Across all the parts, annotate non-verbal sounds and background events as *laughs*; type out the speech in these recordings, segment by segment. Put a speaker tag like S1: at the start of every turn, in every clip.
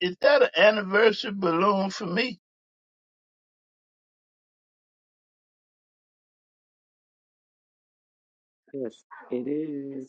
S1: Is that an anniversary balloon for me?
S2: Yes, it is.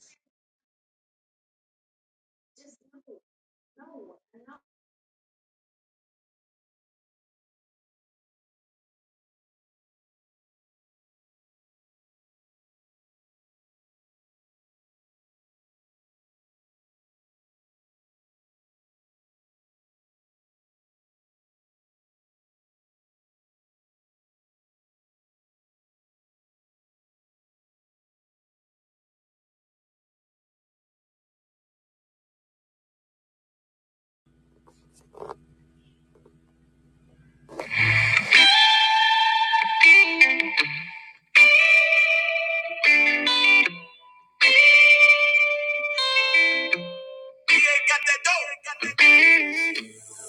S3: The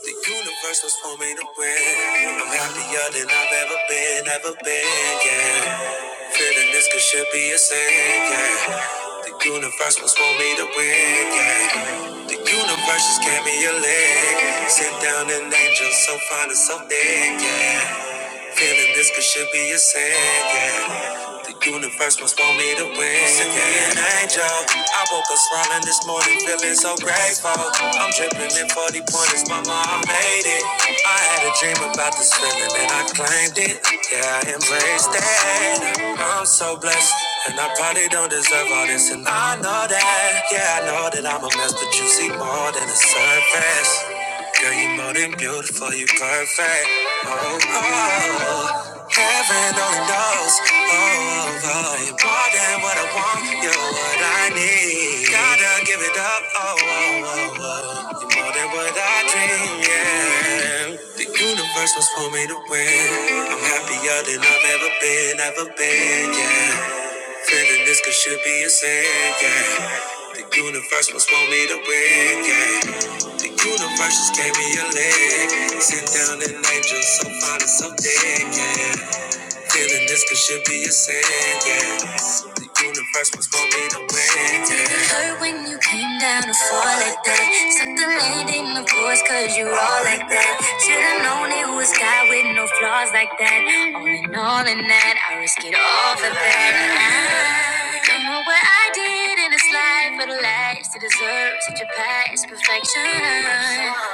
S3: universe was for me to win. I'm happier than I've ever been, ever been, yeah. Feeling this could should be a sin, yeah. The universe was for me to win, yeah. The universe just gave me a leg. Sit down an angel so fine and so thick, yeah. Feeling this could should be a sin, yeah. The universe must want me to win. Send me an angel. I woke up smiling this morning, feeling so grateful. I'm dripping in 40 pointers, mama, I made it. I had a dream about this feeling and I claimed it. Yeah, I embraced it. I'm so blessed. And I probably don't deserve all this, and I know that. Yeah, I know that I'm a mess, but you see more than the surface. Girl, you more than beautiful, you perfect. Oh, oh, heaven only knows. Oh, oh, you more than what I want, you're what I need. Gotta give it up. Oh, oh, oh, oh, you're more than what I dream. Yeah, the universe was for me to win. I'm happier than I've ever been, ever been. Yeah. Feeling this could should be a sin, yeah. The universe must want me to win, yeah. The universe just gave me a leg. Sit down an angel so fine and so dead, yeah. Feeling this could should be a sin, yeah. The universe was gonna be the wind, yeah. It hurt when you came down to fall like that. Suck the land in the force, cause you all like that. Should've known it was God with no flaws like that. All in all, in that, I risk it all for that. I don't know what I did in this life for the last to deserve such a past perfection.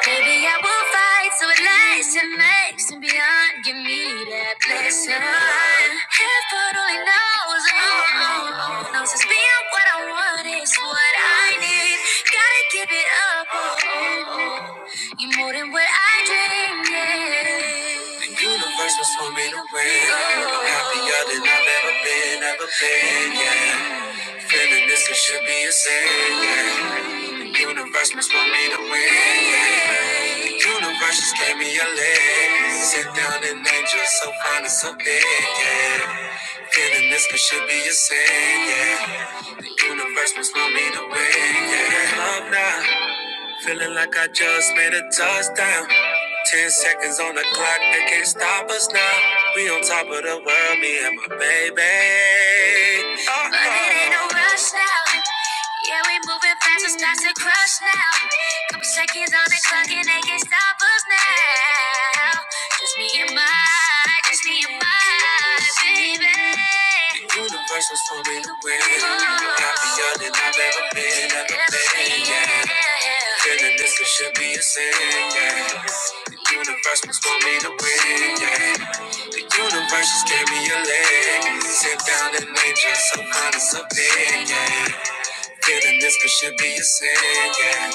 S3: Maybe I will fight so it lasts and makes and beyond. Give me that blessing. Heaven only knows, oh, oh, oh, knows it's being what I want is what I need. Gotta give it up, oh, oh, oh. you more than what I dreamed. Yeah. The universe was for me to win. Happier than I've ever been, ever been, yeah. Feeling this, it should be a sin. yeah. The Universe must want me to win. yeah. The Universe just gave me a leg. Sit down and angel, so fine and so big. Yeah. Feeling this, it should be a sin. Yeah. The universe must want me to win. Yeah. Love now. Feeling like I just made a touchdown. Ten seconds on the clock, they can't stop us now. We on top of the world, me and my baby. Uh-oh. But it ain't no rush now. Yeah, we moving fast, it's not to crush now. Couple seconds on the clock and they can't stop us now. Just me and my, just me and my. The universe was for me to win. Happier than I've ever been, ever been, yeah. Feeling this it should be a sin, yeah. The universe was for me to win, yeah. The universe just gave me a leg. Sit down and nature, some kind of something, yeah. Feeling this could should be a sin, yeah.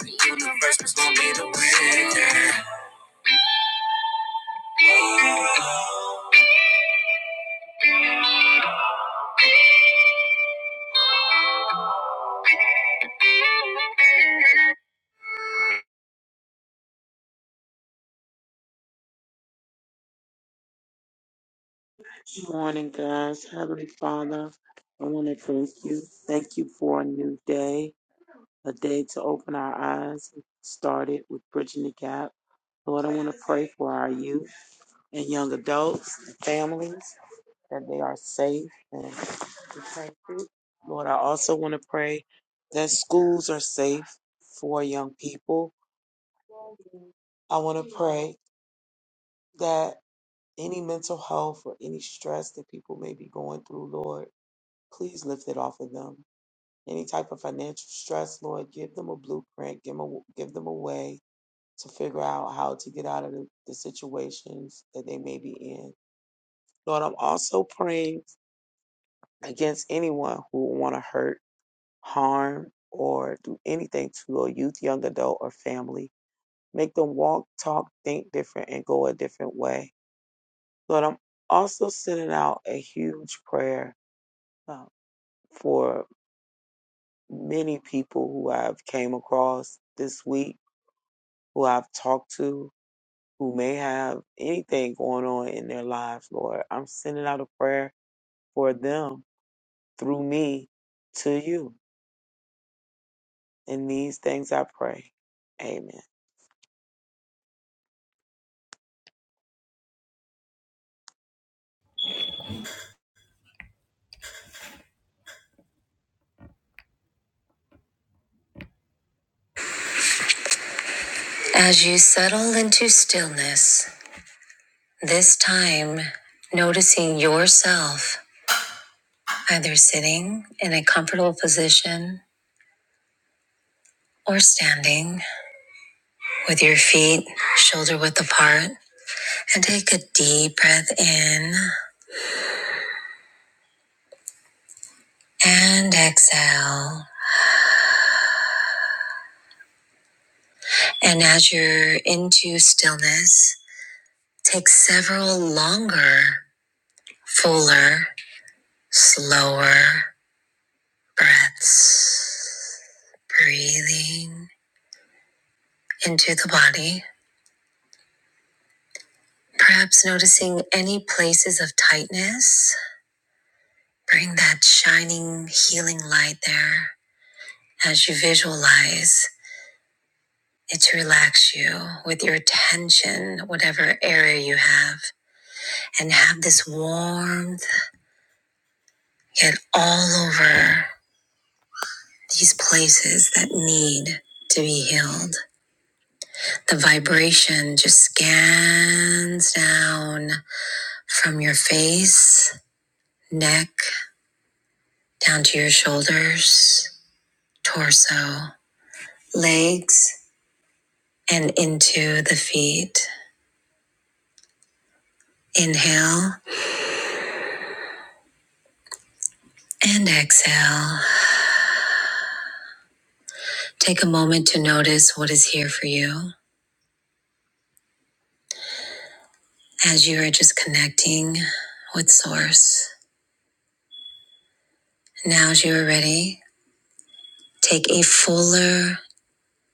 S3: The universe was for me to win, yeah.
S2: Good morning, guys. Heavenly Father, I want to thank you. Thank you for a new day, a day to open our eyes. We started with Bridging the Gap. Lord, I want to pray for our youth and young adults and families that they are safe and protected. Lord, I also want to pray that schools are safe for young people. I want to pray that. Any mental health or any stress that people may be going through, Lord, please lift it off of them. Any type of financial stress, Lord, give them a blueprint, give them a, give them a way to figure out how to get out of the, the situations that they may be in. Lord, I'm also praying against anyone who would want to hurt, harm, or do anything to a youth, young adult, or family. Make them walk, talk, think different, and go a different way. Lord, I'm also sending out a huge prayer uh, for many people who I've came across this week, who I've talked to, who may have anything going on in their lives, Lord. I'm sending out a prayer for them through me to you. In these things I pray. Amen.
S3: As you settle into stillness, this time noticing yourself either sitting in a comfortable position or standing with your feet shoulder width apart, and take a deep breath in and exhale. And as you're into stillness, take several longer, fuller, slower breaths. Breathing into the body, perhaps noticing any places of tightness. Bring that shining, healing light there as you visualize it to relax you with your attention, whatever area you have, and have this warmth get all over these places that need to be healed. The vibration just scans down from your face, neck. down to your shoulders, torso, legs, and into the feet. Inhale and exhale. Take a moment to notice what is here for you as you are just connecting with Source. Now, as you are ready, take a fuller,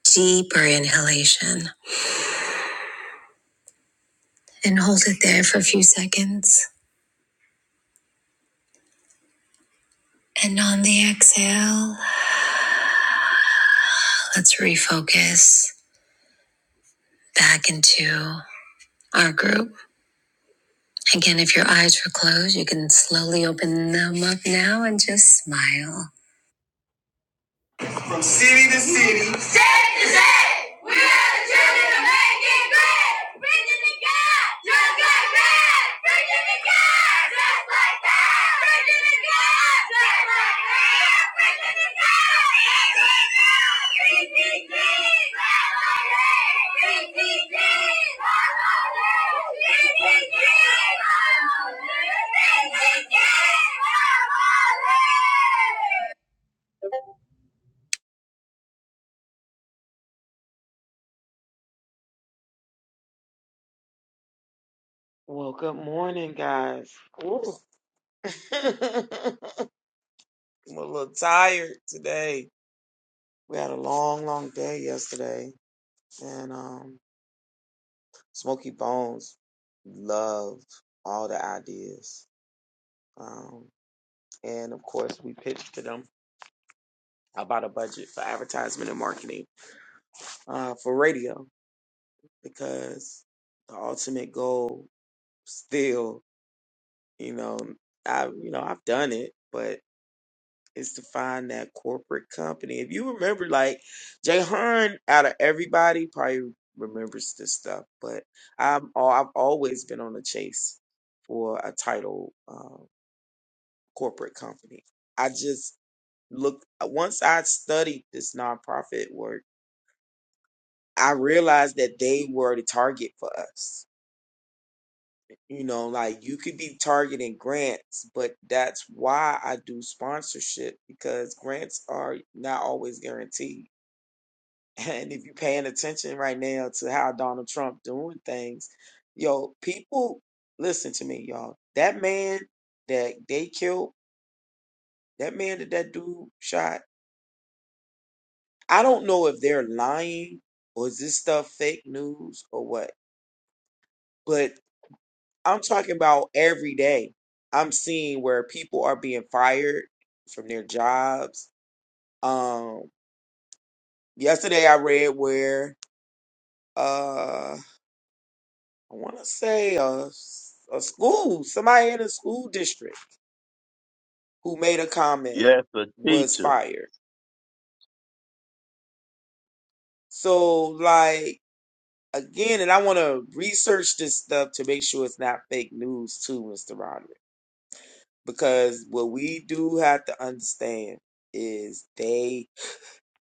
S3: deeper inhalation and hold it there for a few seconds. And on the exhale, let's refocus back into our group. Again, if your eyes were closed, you can slowly open them up now and just smile. From city to city. State to state. We are the children of making great. Bridging the gap. Just like that. Bridging the gap. Just like that. Bridging the gap. Just like that. Bridging the gap. Just like that. BTG. LLA. BTG. LLA. BTG. LLA. BTG. LLA.
S2: Well, good morning, guys. Ooh. *laughs* I'm a little tired today. We had a long, long day yesterday. And um Smoky Bones loved all the ideas. Um, and of course, we pitched to them about a budget for advertisement and marketing uh, for radio because the ultimate goal still, you know, I you know I've done it, but is to find that corporate company. If you remember, like Jay Hearn, out of everybody, probably remembers this stuff. But I'm all I've always been on the chase for a title. uh, corporate company. I just looked uh, once I studied this nonprofit work, I realized that they were the target for us. You know, like you could be targeting grants, but that's why I do sponsorship because grants are not always guaranteed. *laughs* And if you're paying attention right now to how Donald Trump doing things, yo, people listen to me, y'all. That man that they killed, that man that that dude shot I don't know if they're lying or is this stuff fake news or what, but I'm talking about every day. I'm seeing where people are being fired from their jobs. Um, yesterday I read where uh, I want to say a, a school, somebody in a school district who made a comment
S1: Yes, a
S2: was
S1: teacher.
S2: fired. So like again, and I want to research this stuff to make sure it's not fake news too, Mr. Rodman. because what we do have to understand is they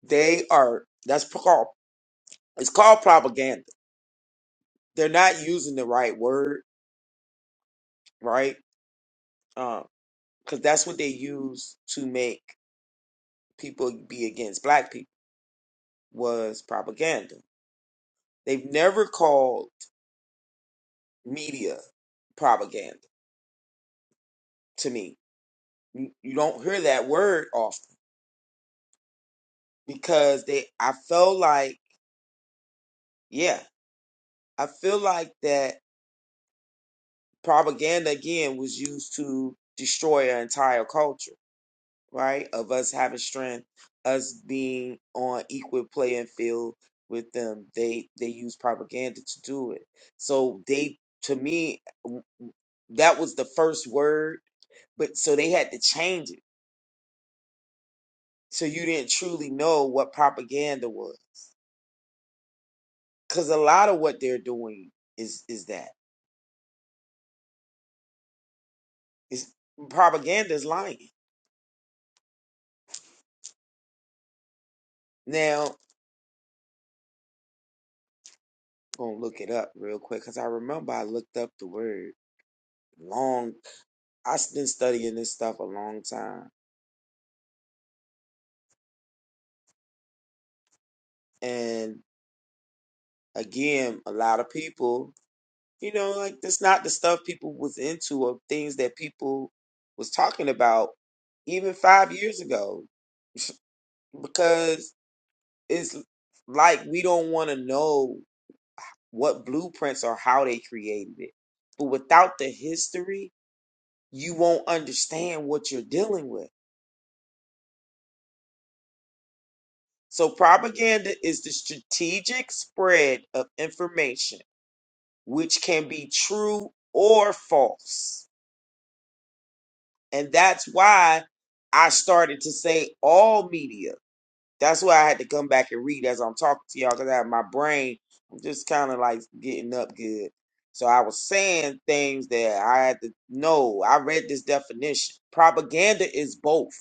S2: they are that's called it's called propaganda. They're not using the right word, right? Um, because that's what they use to make people be against black people was propaganda. They've never called media propaganda to me. You you don't hear that word often because they. I feel like yeah, I feel like that propaganda again was used to destroy an entire culture, right? Of us having strength, us being on equal playing field with them. They they use propaganda to do it. So they to me w- w- that was the first word, but so they had to change it. So you didn't truly know what propaganda was. Cause a lot of what they're doing is is that. Is propaganda is lying. Now gonna look it up real quick because I remember I looked up the word long. I've been studying this stuff a long time, and again, a lot of people, you know, like that's not the stuff people was into or things that people was talking about even five years ago because it's like we don't want to know what blueprints or how they created it, but without the history, you won't understand what you're dealing with So, propaganda is the strategic spread of information, which can be true or false. And that's why I started to say all media. That's why I had to come back and read as I'm talking to y'all because I have my brain I'm just kind of like getting up good. So I was saying things that I had to know. I read this definition. Propaganda is both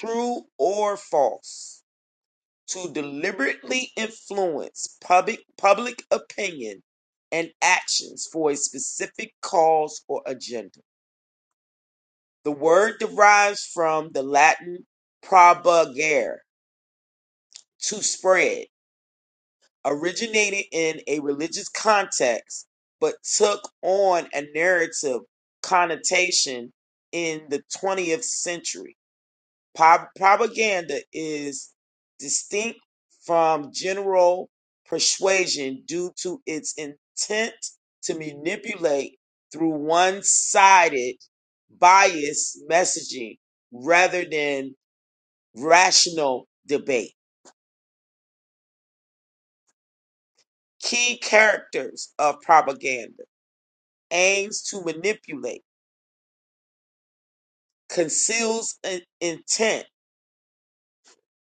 S2: true or false. to deliberately influence public public opinion and actions for a specific cause or agenda. The word derives from the Latin propagare, to spread, originated in a religious context but took on a narrative connotation in the 20th century. Pro- propaganda is distinct from general persuasion due to its intent to manipulate through one sided biased messaging rather than rational debate. Key characters of propaganda aims to manipulate, conceals in- intent,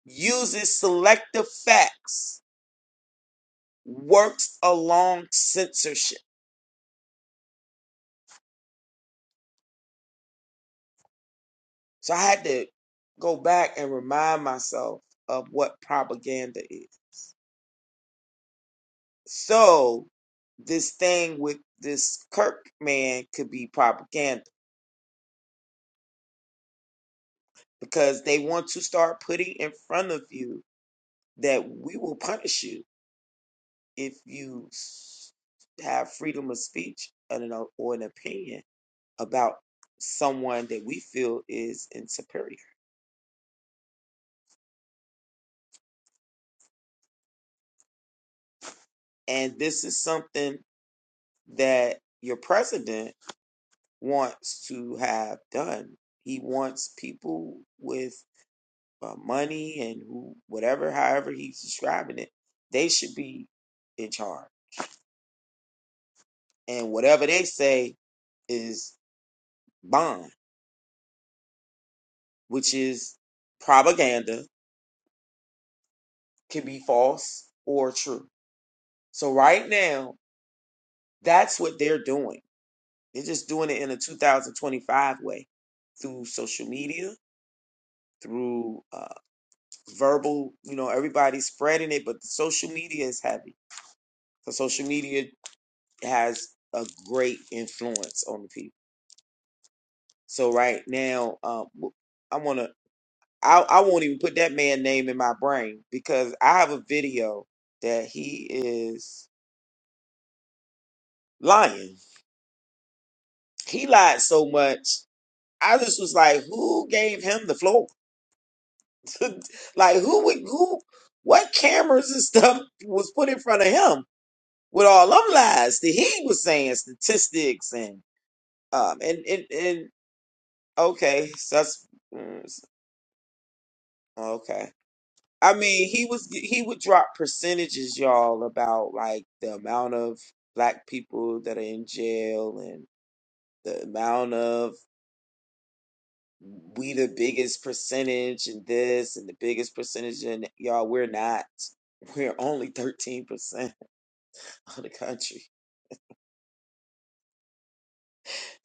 S2: uses selective facts, works along censorship So I had to go back and remind myself of what propaganda is. So this thing with this Kirk man could be propaganda because they want to start putting in front of you that we will punish you if you have freedom of speech and an or an opinion about someone that we feel is in superior. And this is something that your president wants to have done. He wants people with uh, money and who, whatever, however he's describing it, they should be in charge. And whatever they say is bond, which is propaganda, can be false or true. So right now, that's what they're doing. They're just doing it in a 2025 way through social media, through uh, verbal, you know, everybody's spreading it, but the social media is heavy Because social media has a great influence on the people. So right now, um, w- I wanna, I, I won't even put that man name in my brain because I have a video that he is lying. He lied so much. I just was like, who gave him the floor? *laughs* like, who would, who, what cameras and *laughs* stuff was put in front of him with all them lies that he was saying, statistics and um, and and and Okay, sus. mm, Okay. I mean, he was he would drop percentages, y'all, about like the amount of black people that are in jail and the amount of we the biggest percentage and this and the biggest percentage and y'all we're not. We're only 13% of the country.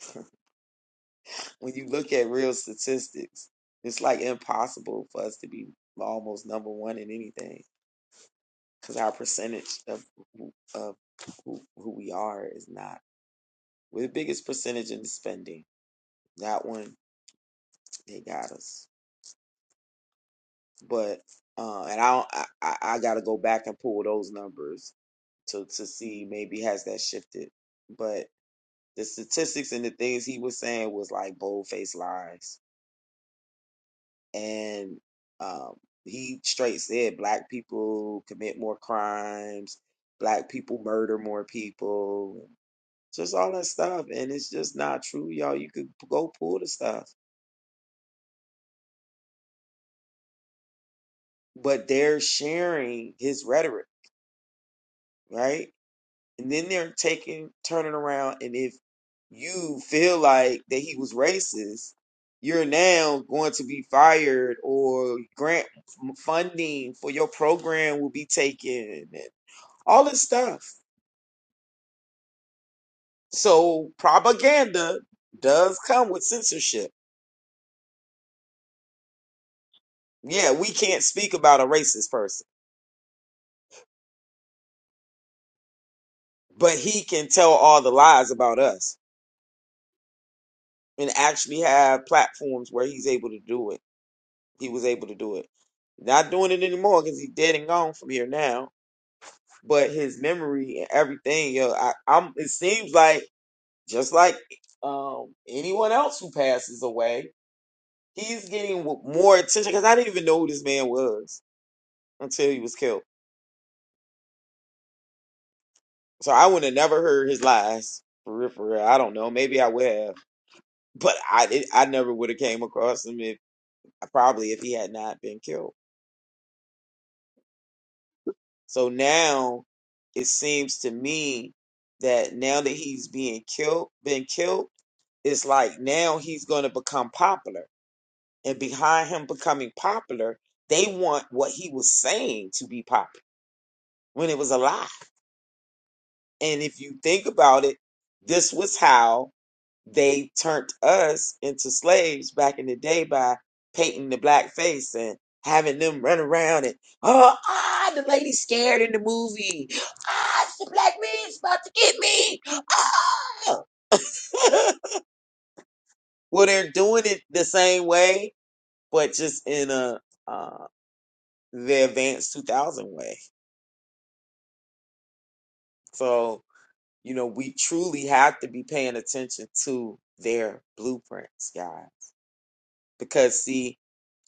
S2: *laughs* when you look at real statistics, it's like impossible for us to be almost number one in anything. because our percentage of who- of who, who we are is not we're the biggest percentage in the spending. That one they got us, but uh, and I don't, I I I gotta go back and pull those numbers to to see maybe has that shifted, but the statistics and the things he was saying was like bold faced lies and um. He straight said black people commit more crimes, black people murder more people. Just all that stuff. And it's just not true, y'all. You could go pull the stuff. But they're sharing his rhetoric, right? And then they're taking, turning around. And if you feel like that he was racist, you're now going to be fired or grant funding for your program will be taken and all this stuff. So propaganda does come with censorship. Yeah, we can't speak about a racist person but he can tell all the lies about us and actually have platforms where he's able to do it. He was able to do it. Not doing it anymore because he's dead and gone from here now. But his memory and everything, yo, I, I'm. It seems like just like um, anyone else who passes away, he's getting w- more attention because I didn't even know who this man was until he was killed. So I would have never heard his lies for real. For real, I don't know. Maybe I would have, but I did, I never would have came across him if. probably if he had not been killed. So now it seems to me that now that he's being killed, been killed, it's like now he's going to become popular. And behind him becoming popular, they want what he was saying to be popular when it was a lie. And if you think about it, this was how they turned us into slaves back in the day by painting the black face and having them run around and oh ah the lady scared in the movie ah it's the black man's about to get me ah *laughs* well they're doing it the same way but just in a uh, the advanced 2000 way so you know we truly have to be paying attention to their blueprints guys because see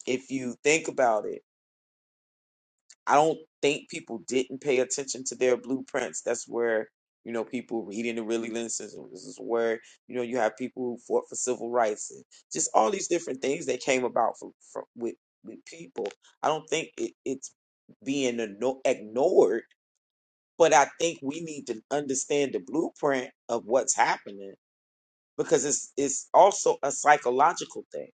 S2: if you think about it I don't think people didn't pay attention to their blueprints. That's where you know people reading the really lenses. This is where you know you have people who fought for civil rights and just all these different things that came about from, from with with people. I don't think it, it's being igno- ignored, but I think we need to understand the blueprint of what's happening because it's it's also a psychological thing.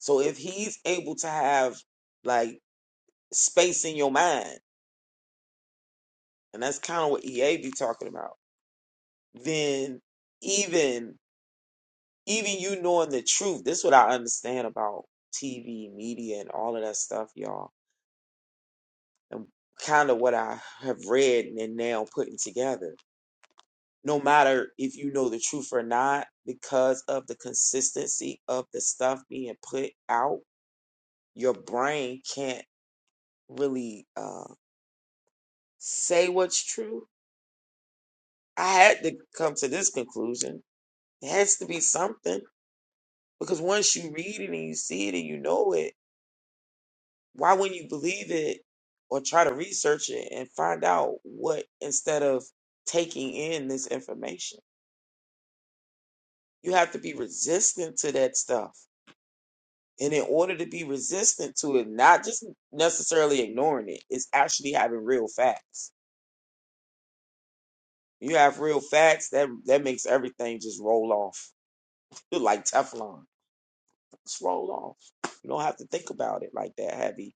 S2: So if he's able to have like space in your mind and that's kind of what EA be talking about, then even even you knowing the truth, this is what I understand about TV, media, and all of that stuff, y'all, and kind of what I have read and now putting together. No matter if you know the truth or not, because of the consistency of the stuff being put out, your brain can't really uh, say what's true. I had to come to this conclusion. There has to be something Because once you read it and you see it and you know it, why wouldn't you believe it or try to research it and find out what instead of taking in this information? You have to be resistant to that stuff. And in order to be resistant to it, not just necessarily ignoring it, it's actually having real facts. You have real facts, that that makes everything just roll off *laughs* like Teflon. Just roll off. You don't have to think about it like that heavy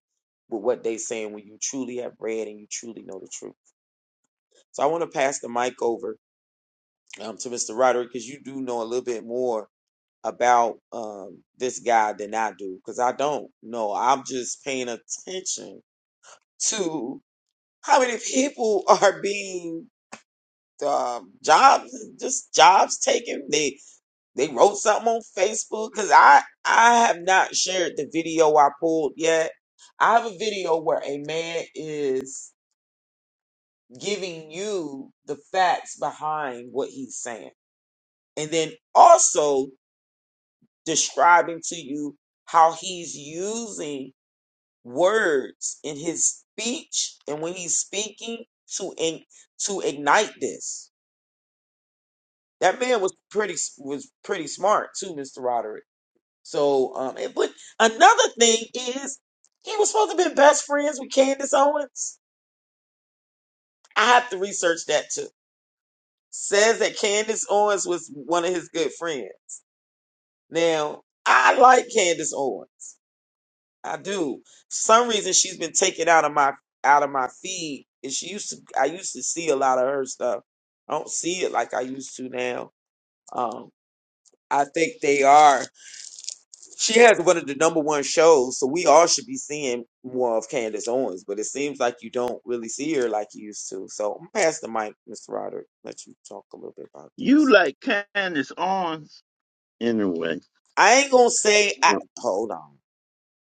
S2: with what they saying when you truly have read and you truly know the truth. So I want to pass the mic over um, to Mr. Roderick because you do know a little bit more about um, this guy than I do because I don't know. I'm just paying attention to how many *laughs* people are being um, jobs, just jobs taken. They They wrote something on Facebook because I I have not shared the video I pulled yet. I have a video where a man is giving you the facts behind what he's saying, and then also describing to you how he's using words in his speech and when he's speaking to in, to ignite this. That man was pretty was pretty smart too, Mr. Roderick So, um, and, but another thing is, he was supposed to be best friends with Candace Owens. I have to research that too. Says that Candace Owens was one of his good friends. Now, I like Candace Owens. I do. For some reason she's been taken out of my out of my feed, and she used to. I used to see a lot of her stuff. I don't see it like I used to now. Um, I think they are. She has one of the number one shows, so we all should be seeing more of Candace Owens, but it seems like you don't really see her like you used to. So I'm gonna pass the mic, Mr. Roderick, let you talk a little bit about
S1: You
S2: this.
S1: like Candace Owens. Anyway,
S2: I ain't gonna say
S1: *laughs*
S2: I hold on.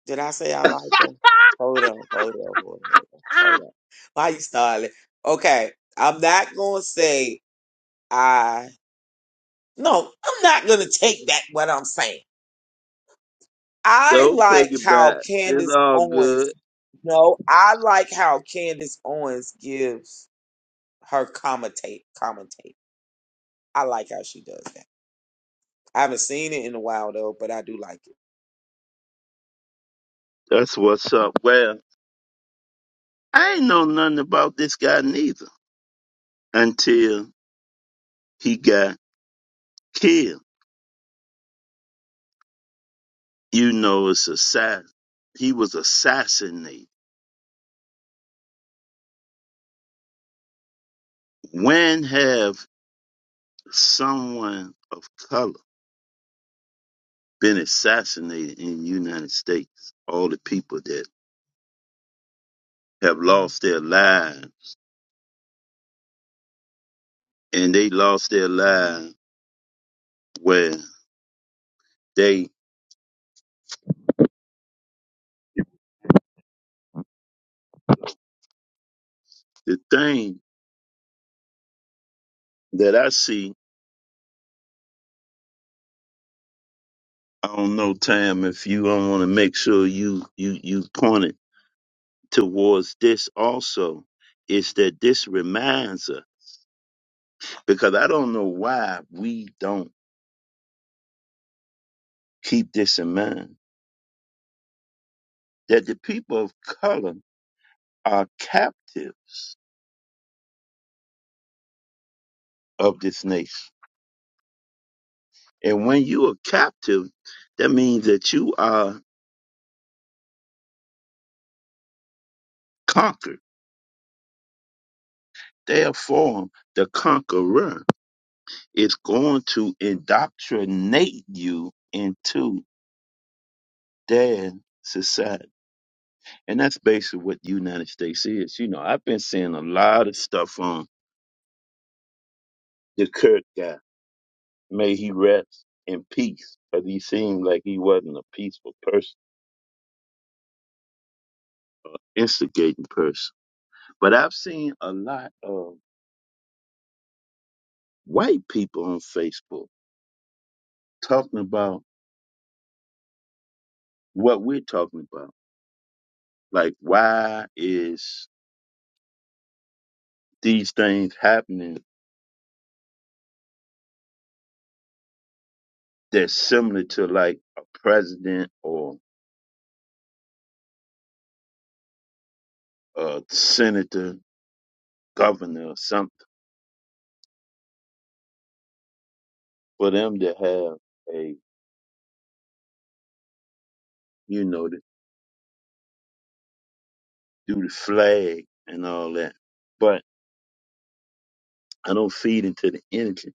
S2: Did I say I like her? Hold on, hold on, hold on, hold on. Why you starting? Okay, I'm not gonna say I no, I'm not gonna take back what I'm saying. I
S1: So
S2: like
S1: take it
S2: how
S1: back. It's
S2: Candace
S1: all
S2: Owens
S1: good.
S2: No, I like how Candace Owens gives her commentate commentate. I like how she does that. I haven't seen it in a while though, but I do like it.
S1: That's what's up. Well, I ain't know nothing about this guy neither until he got killed. You know, it's assassin. He was assassinated. When have someone of color been assassinated in the United States? All the people that have lost their lives. And they lost their lives where they, the thing that I see, I don't know, Tam, if you don't want to make sure you, you, you point it towards this also, is that this reminds us, because I don't know why we don't keep this in mind, that the people of color are captives of this nation. And when you are captive, that means that you are conquered Therefore, the conqueror is going to indoctrinate you into their society. And that's basically what the United States is. You know, I've been seeing a lot of stuff on the Kirk guy. May he rest in peace. Because he seemed like he wasn't a peaceful person, instigating person. But I've seen a lot of white people on Facebook talking about what we're talking about. Like, why is these things happening that's similar to like a president or a senator, governor or something, for them to have a, you know, to do the flag and all that. But I don't feed into the energy,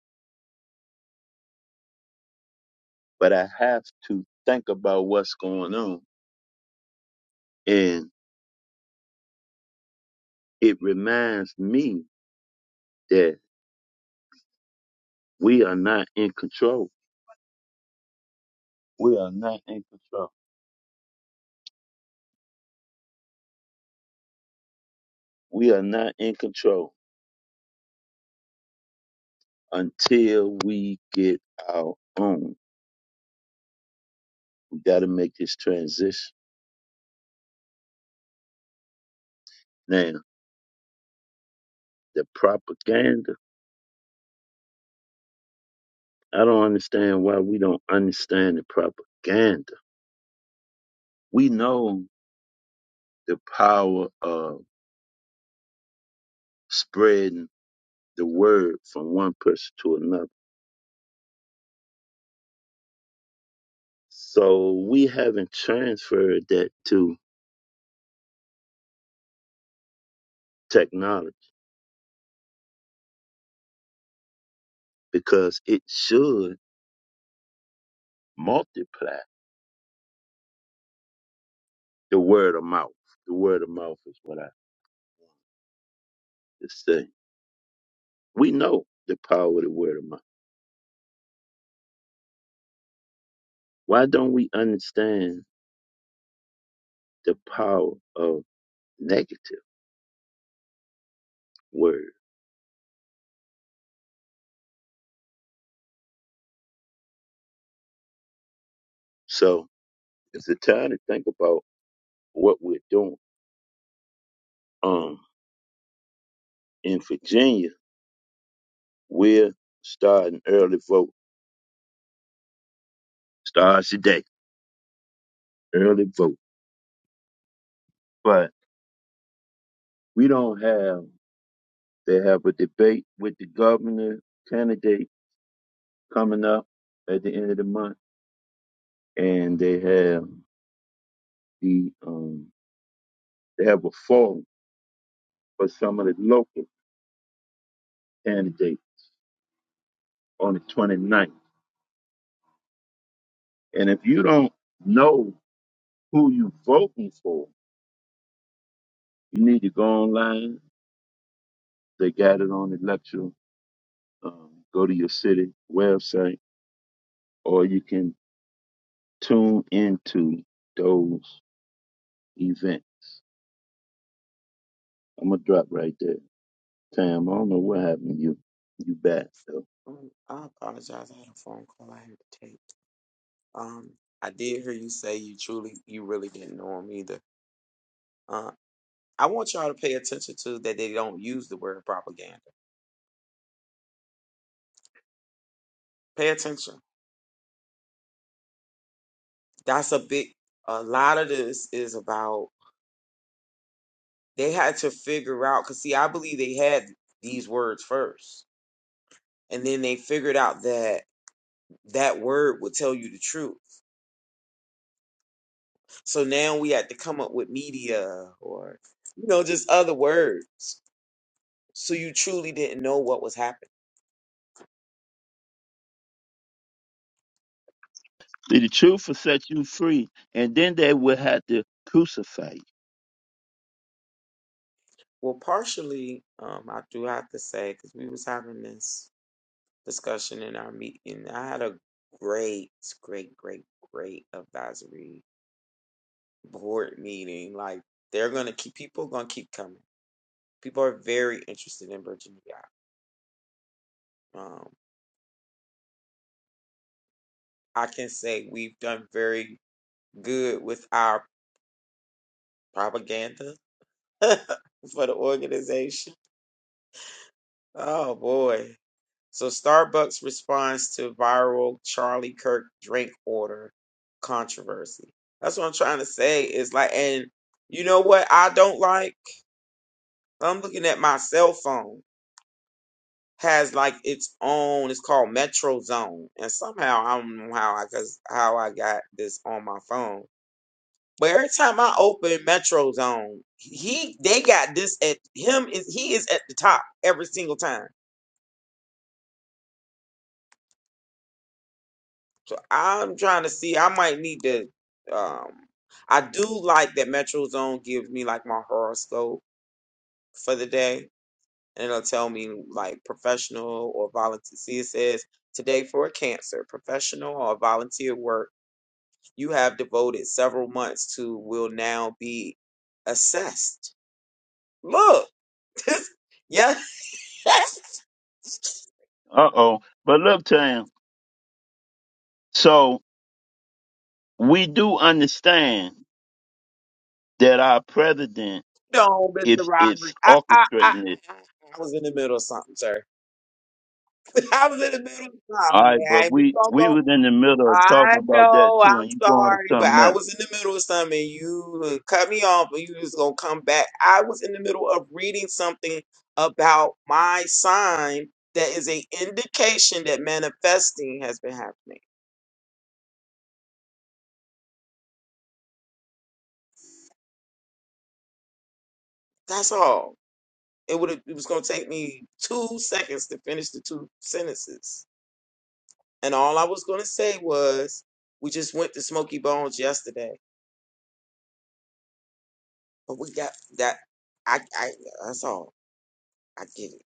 S1: but I have to think about what's going on. And it reminds me that we are not in control. We are not in control. We are not in control until we get our own. We got to make this transition. Now, the propaganda, I don't understand why we don't understand the propaganda. We know the power of spreading the word from one person to another. So we haven't transferred that to technology because it should multiply the word of mouth. The word of mouth is what I just say. We know the power of the word of mouth. Why don't we understand the power of negative word. So it's a time to think about what we're doing. Um, in Virginia, we're starting early vote. Starts today, early vote. But we don't have. They have a debate with the governor candidate coming up at the end of the month, and they have the um, they have a forum for some of the local candidates on the twenty ninth. And if you don't know who you voting for, You need to go online. They got it on the lecture. Um, go to your city website, or you can tune into those events. I'm gonna drop right there. Tam, I don't know what happened to you. You back though.
S2: Um, I apologize. I had a phone call I had to take. Um, I did hear you say you truly, you really didn't know him either. Uh, I want y'all to pay attention to that they don't use the word propaganda. Pay attention. That's a big. A lot of this is about they had to figure out because see, I believe they had these words first and then they figured out that that word would tell you the truth. So now we had to come up with media or you know just other words. So you truly didn't know what was happening.
S1: See, the truth will set you free, and then they will have to crucify you.
S2: Well, partially, um, I do have to say because we was having this discussion in our meeting. I had a great, great, great, great advisory board meeting. Like they're gonna keep people gonna keep coming. People are very interested in Virginia. Um, I can say we've done very good with our propaganda *laughs* for the organization. Oh boy. So Starbucks responds to viral Charlie Kirk drink order controversy. That's what I'm trying to say. It's like, and you know what I don't like? I'm looking at my cell phone has like its own. It's called Metro Zone, and somehow I don't know how I cause how I got this on my phone But every time I open Metro Zone, he they got this at him is he is at the top every single time. So I'm trying to see. I might need to. Um, I do like that Metro Zone gives me like my horoscope for the day, and it'll tell me like professional or volunteer. See, it says today for a Cancer, professional or volunteer work you have devoted several months to will now be assessed. Look, yeah. *laughs*
S1: Uh oh. But look, Tam. So we do understand that our president
S2: No, Mr.
S1: is is
S2: Roderick. I, I, I,
S1: orchestrating this.
S2: I, I was in the middle of something, sir. *laughs* I was in the middle of
S1: All
S2: something,
S1: right, but
S2: man. We
S1: we
S2: gonna
S1: we
S2: go.
S1: was in the middle of
S2: I
S1: talking about that
S2: know.
S1: too,
S2: I'm
S1: and you going to
S2: sorry, but
S1: something
S2: I
S1: else.
S2: was in the middle of something. and You uh, cut me off, and you was gonna come back. I was in the middle of reading something about my sign that is a indication that manifesting has been happening. That's all. It would. It was gonna take me two seconds to finish the two sentences. And all I was going to say was, we just went to Smoky Bones yesterday, but we got that. I, I, that's all. I get it.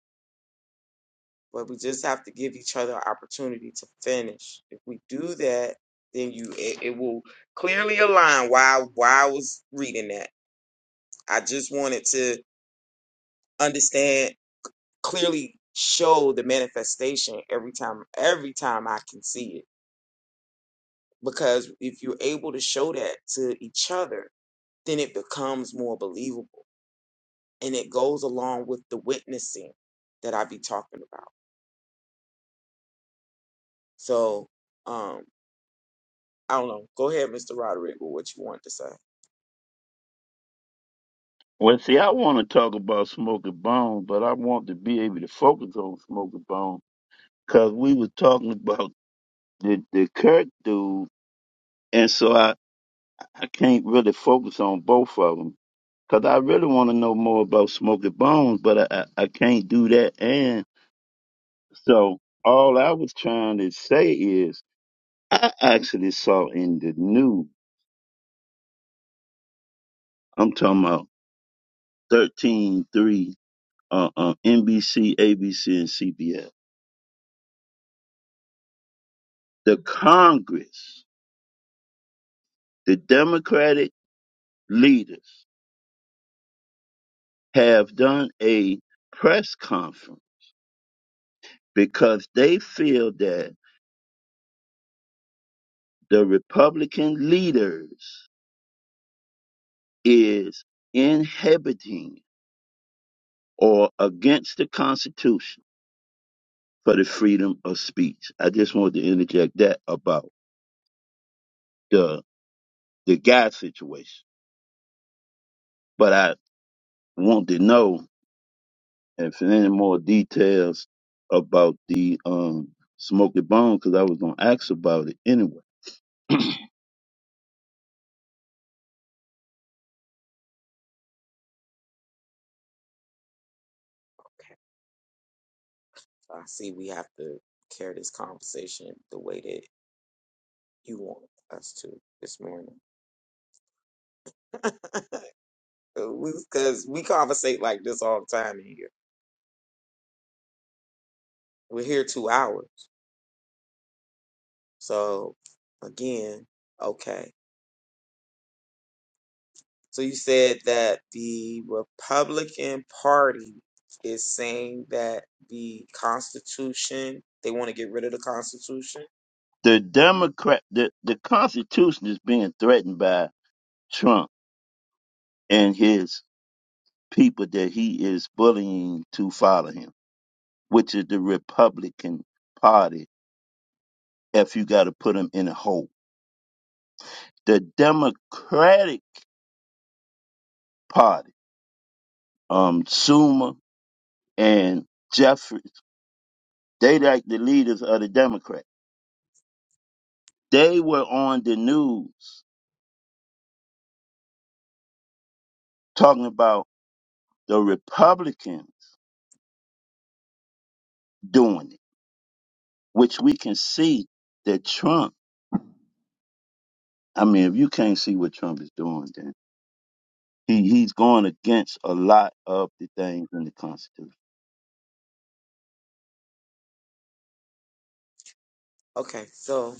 S2: But we just have to give each other an opportunity to finish. If we do that, then you, it, it will clearly align why, why I was reading that. I just wanted to understand clearly show the manifestation every time, every time I can see it. Because if you're able to show that to each other, then it becomes more believable and it goes along with the witnessing that I be talking about. So, um, I don't know. Go ahead, Mr. Roderick, with what you want to say.
S1: Well, see, I want to talk about Smoking Bones, but I want to be able to focus on Smoking Bones because we was talking about the the Kirk dude, and so I I can't really focus on both of them because I really want to know more about Smoking Bones, but I, I I can't do that. And so all I was trying to say is I actually saw in the news. I'm talking about thirteen three. uh, uh, NBC, ABC, and CBS. The Congress, the Democratic leaders have done a press conference because they feel that the Republican leaders is inhibiting or against the Constitution for the freedom of speech. I just wanted to interject that about the the guy situation, but I want to know And if any more details about the um Smoky Bone, because I was gonna ask about it anyway.
S2: Okay. I see we have to carry this conversation the way that you want us to this morning. *laughs* Because we conversate like this all the time in here. We're here two hours. So, again, okay. So you said that the Republican Party is saying that the Constitution, they want to get rid of the Constitution.
S1: The Democrat, the the Constitution is being threatened by Trump and his people that he is bullying to follow him, which is the Republican Party. If you got to put him in a hole, the Democratic Party, um, Schumer and Jeffries, they like the leaders of the Democrats. They were on the news talking about the Republicans doing it, which we can see that Trump. I mean, if you can't see what Trump is doing, then he, he's going against a lot of the things in the Constitution.
S2: Okay, so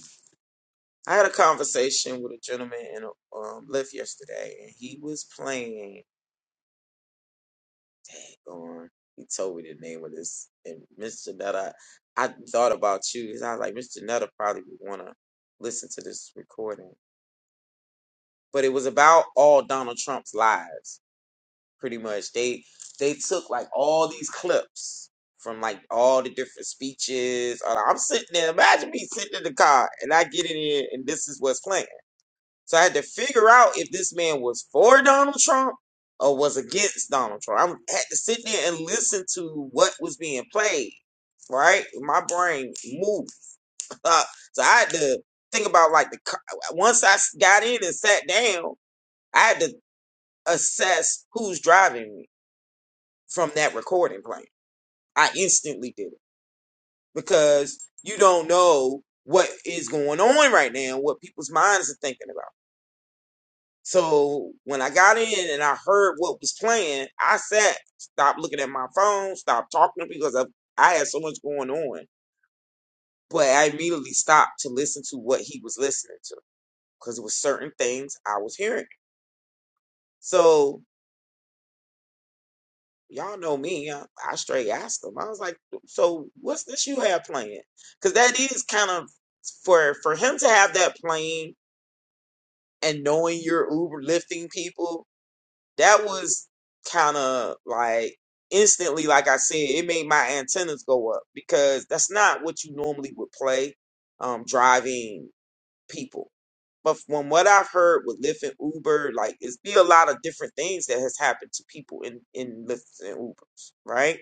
S2: I had a conversation with a gentleman in um, Lyft yesterday, and he was playing. Dang on, he told me the name of this, and Mr. Nutter, I thought about you because I was like, Mr. Nutter probably would want to listen to this recording, but it was about all Donald Trump's lies pretty much. They they took like all these clips from like all the different speeches. Uh, I'm sitting there, imagine me sitting in the car and I get in here and this is what's playing. So I had to figure out if this man was for Donald Trump or was against Donald Trump. I had to sit there and listen to what was being played. Right, my brain moved, *laughs* so I had to think about like the co- once I s- got in and sat down, I had to assess who's driving me from that recording playing. I instantly did it because you don't know what is going on right now, what people's minds are thinking about. So when I got in and I heard what was playing, I sat, stopped looking at my phone, stopped talking to people because I, I had so much going on. But I immediately stopped to listen to what he was listening to because it was certain things I was hearing. So y'all know me. I, I straight asked him. I was like, "So what's this you have playing?" Because that is kind of for for him to have that playing and knowing you're Uber lifting people. That was kind of like instantly, like I said, it made my antennas go up because that's not what you normally would play um, driving people. But from what I've heard with Lyft and Uber, like it's be a lot of different things that has happened to people in in Lyft and Ubers, right?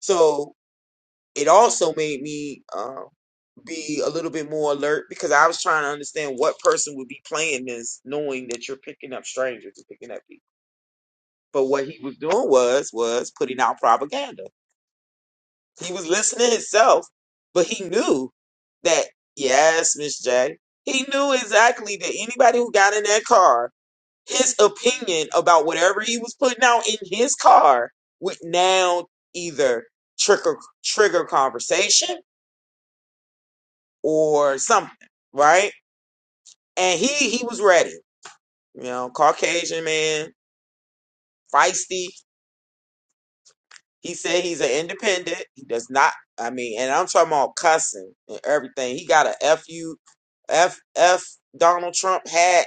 S2: So it also made me um, be a little bit more alert because I was trying to understand what person would be playing this, knowing that you're picking up strangers and picking up people. But what he was doing was was putting out propaganda. He was listening himself, but he knew that yes, Miss J. He knew exactly that anybody who got in that car, his opinion about whatever he was putting out in his car would now either trigger trigger conversation or something, right? And he he was ready, you know, Caucasian man, feisty. He said he's an independent. He does not. I mean, and I'm talking about cussing and everything. He got a f you, f f Donald Trump hat.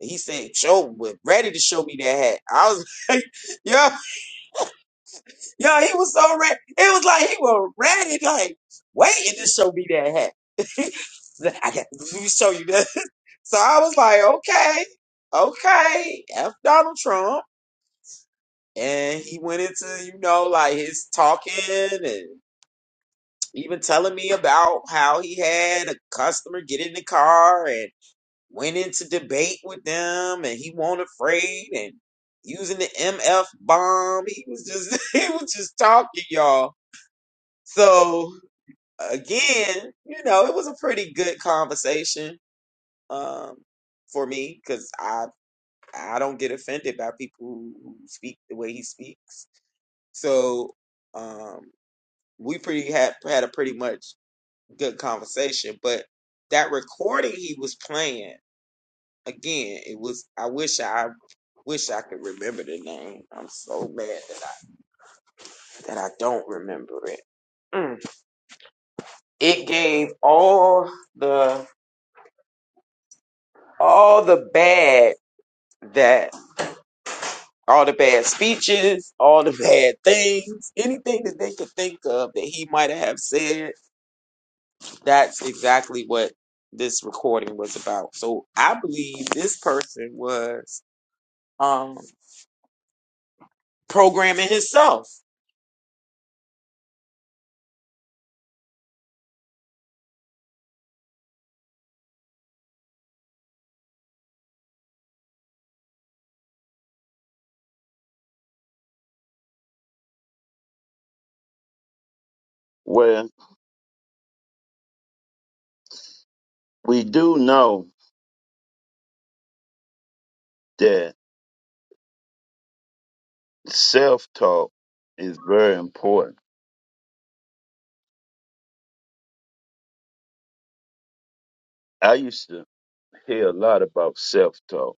S2: He said, "Show, ready to show me that hat." I was *laughs* like, "Yo, yo," he was so ready. It was like he was ready, like waiting to show me that hat. *laughs* I got, let me show you that. So I was like, okay, okay, F Donald Trump. And he went into, you know, like his talking and even telling me about how he had a customer get in the car and went into debate with them and he was not afraid and using the MF bomb. He was just *laughs* he was just talking, y'all. So again, you know, it was a pretty good conversation um for me because I I don't get offended by people who speak the way he speaks. So um, we pretty had had a pretty much good conversation. But that recording he was playing again, it was. I wish I wish I could remember the name. I'm so mad that I that I don't remember it. Mm. It gave all the all the bad that all the bad speeches, all the bad things, anything that they could think of that he might have said, that's exactly what this recording was about. So I believe this person was um programming himself.
S1: Well, we do know that self talk is very important. I used to hear a lot about self talk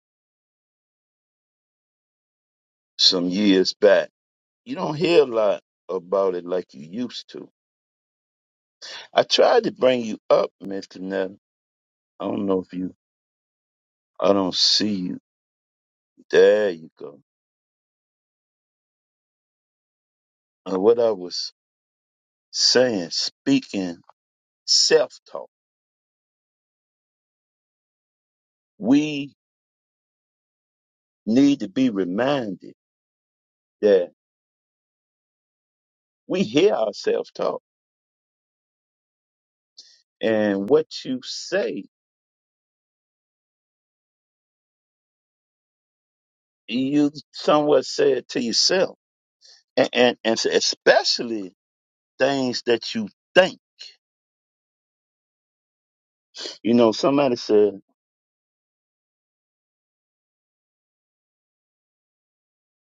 S1: some years back. You don't hear a lot about it like you used to. I tried to bring you up, Miss Canetta. I don't know if you I don't see you. There you go. And what I was saying, speaking self talk, we need to be reminded that we hear ourselves talk. And what you say, you somewhat say it to yourself. And, and, and especially things that you think. You know, somebody said,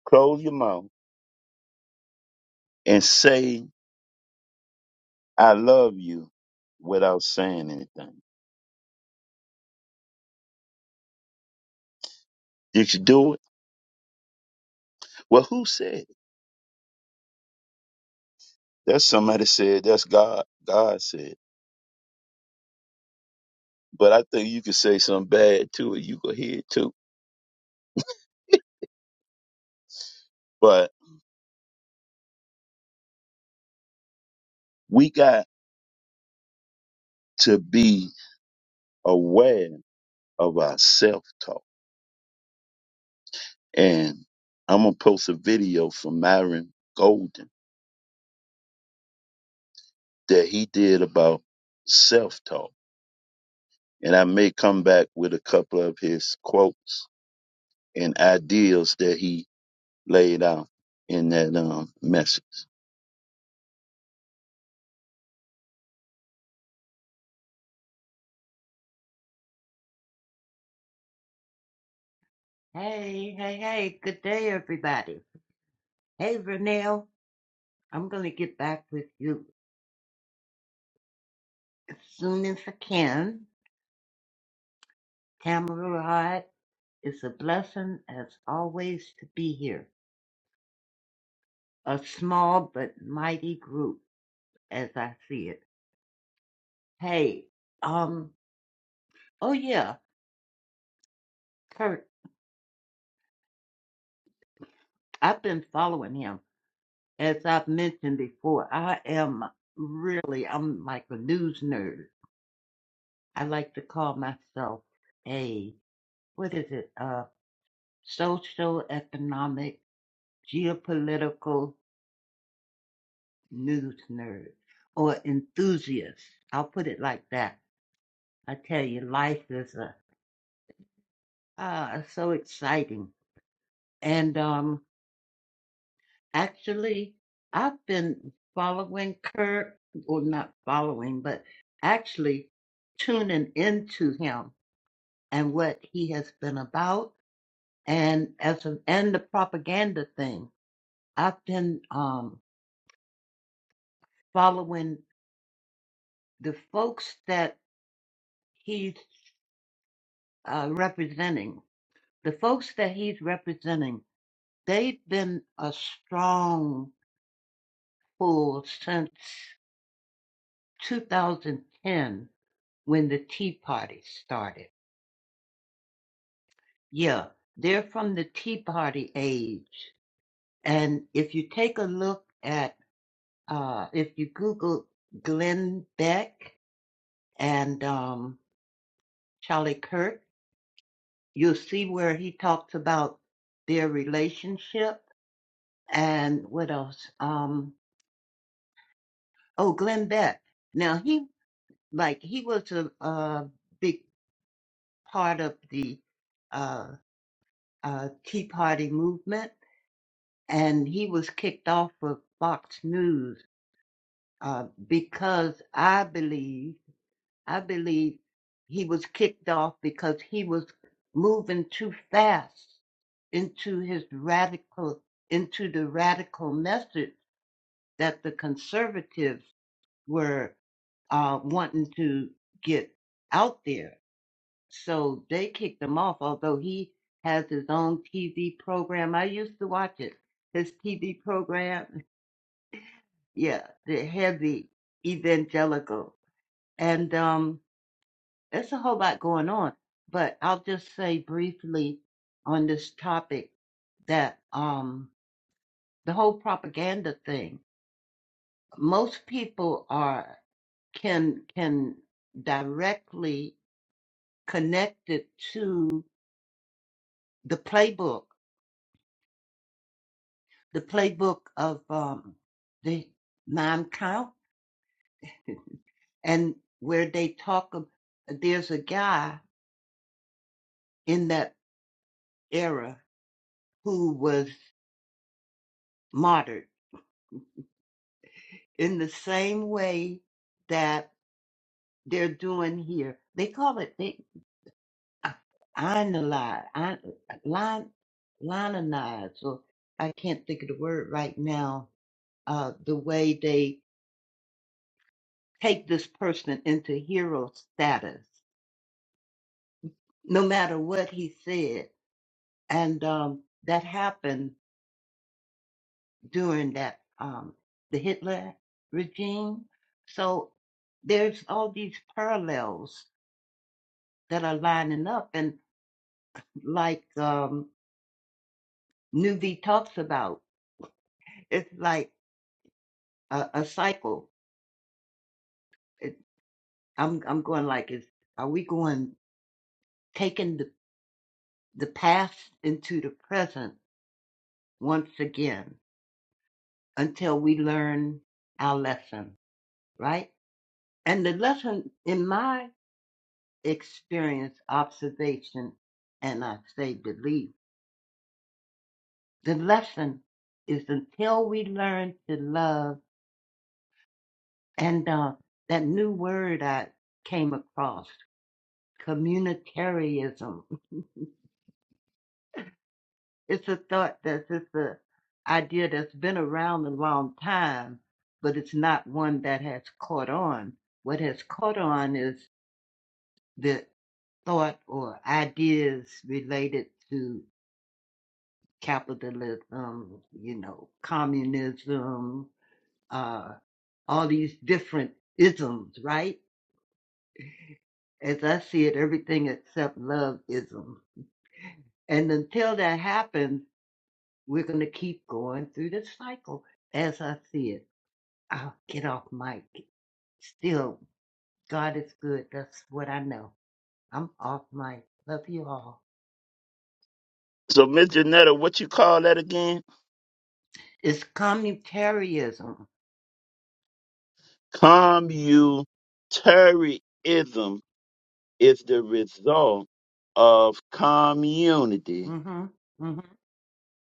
S1: close your mouth and say, I love you without saying anything. Did you do it? Well, who said? it? That's somebody said. That's God. God said. But I think you could say something bad too, and you could hear it too. *laughs* But we got to be aware of our self-talk. And I'm gonna post a video from Myron Golden that he did about self-talk. And I may come back with a couple of his quotes and ideas that he laid out in that um message.
S4: Hey, hey, hey, good day, everybody. Hey, Vernell, I'm going to get back with you as soon as I can. Tamara Hart, it's a blessing as always to be here. A small but mighty group as I see it. Hey, um, oh yeah, Kurt, I've been following him. As I've mentioned before, I am really, I'm like a news nerd. I like to call myself a, what is it? Uh. social, economic, geopolitical news nerd or enthusiast. I'll put it like that. I tell you, life is a, ah, so exciting. And um, actually, I've been following Kurt, or not following, but actually tuning into him and what he has been about, and as a, and the propaganda thing. I've been um, following the folks that he's uh, representing, the folks that he's representing, they've been a strong pull since 2010 when the Tea Party started. Yeah, they're from the Tea Party age. And if you take a look at, uh, if you Google Glenn Beck and um, Charlie Kirk, you'll see where he talks about their relationship and what else? Um, oh, Glenn Beck. Now he like he was a, a big part of the uh, uh, Tea Party movement, and he was kicked off of Fox News uh, because I believe I believe he was kicked off because he was moving too fast into his radical into the radical message that the conservatives were uh, wanting to get out there. So they kicked him off, although he has his own TV program. I used to watch it. His TV program, yeah, the heavy evangelical. And um, there's a whole lot going on. But I'll just say briefly on this topic that um, the whole propaganda thing, most people are can can directly connected to the playbook, the playbook of um, the nine count, and where they talk. Of, there's a guy in that era who was martyred in the same way that they're doing here. They call it they analyze, line, lionize, or I can't think of the word right now. Uh, the way they take this person into hero status, no matter what he said. And um, that happened during that um, the Hitler regime. So there's all these parallels that are lining up, and like um, Nuvi talks about, it's like a, a cycle. It, I'm I'm going like, is are we going taking the the past into the present once again? until we learn our lesson, right? And the lesson, in my experience, observation, and I say belief, the lesson is until we learn to love and uh, that new word I came across, communitarianism. *laughs* It's a thought that's it's an idea that's been around a long time, but it's not one that has caught on. What has caught on is the thought or ideas related to capitalism, um, you know, communism, uh, all these different isms, right? As I see it, everything except love ism. And until that happens, we're going to keep going through this cycle as I see it. I'll get off mic. Still, God is good. That's what I know. I'm off mic. Love you all.
S1: So, Miss Janetta, what you call that again?
S4: It's communitarianism.
S1: Communitarianism is the result of community
S4: Mm-hmm. Mm-hmm.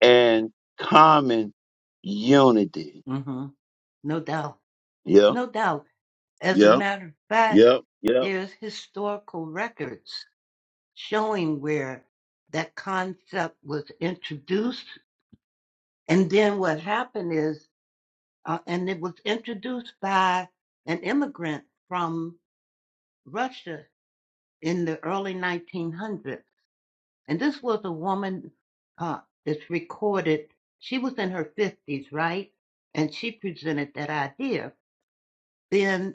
S1: and common unity.
S4: hmm No doubt.
S1: Yep,
S4: No doubt. As a
S1: yep,
S4: matter of fact,
S1: yep, yep.
S4: there's historical records showing where that concept was introduced. And then what happened is, uh, and it was introduced by an immigrant from Russia in the early 1900s. And this was a woman uh, that's recorded. She was in her 50s, right? And she presented that idea. Then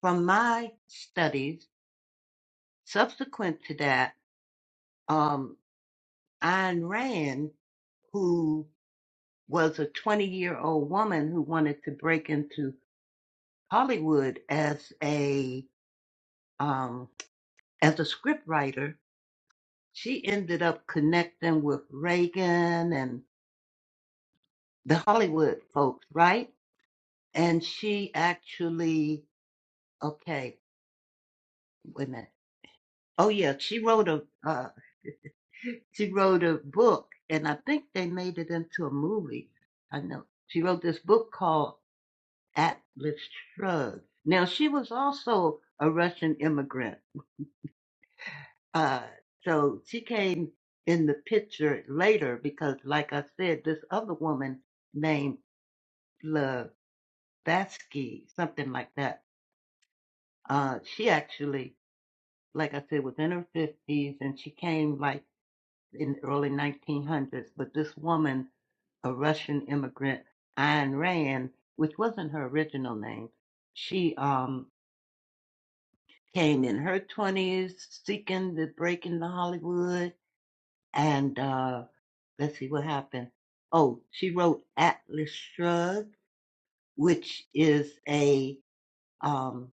S4: from my studies subsequent to that, um, Ayn Rand, who was a 20 year old woman who wanted to break into Hollywood as a, um, as a scriptwriter, she ended up connecting with Reagan and the Hollywood folks, right? And she actually, okay, wait a minute. Oh yeah, she wrote a, a She wrote a book, and I think they made it into a movie. I know. She wrote this book called Atlas Shrugged. Now, she was also a Russian immigrant. Uh, so she came in the picture later because, like I said, this other woman named Blavatsky, something like that, uh, she actually, like I said, was in her 50s and she came like in the early 1900s. But this woman a Russian immigrant, Ayn Rand, which wasn't her original name. She um, came in her 20s seeking the break into Hollywood. And uh, let's see what happened. Oh, she wrote Atlas Shrugged, which is a um,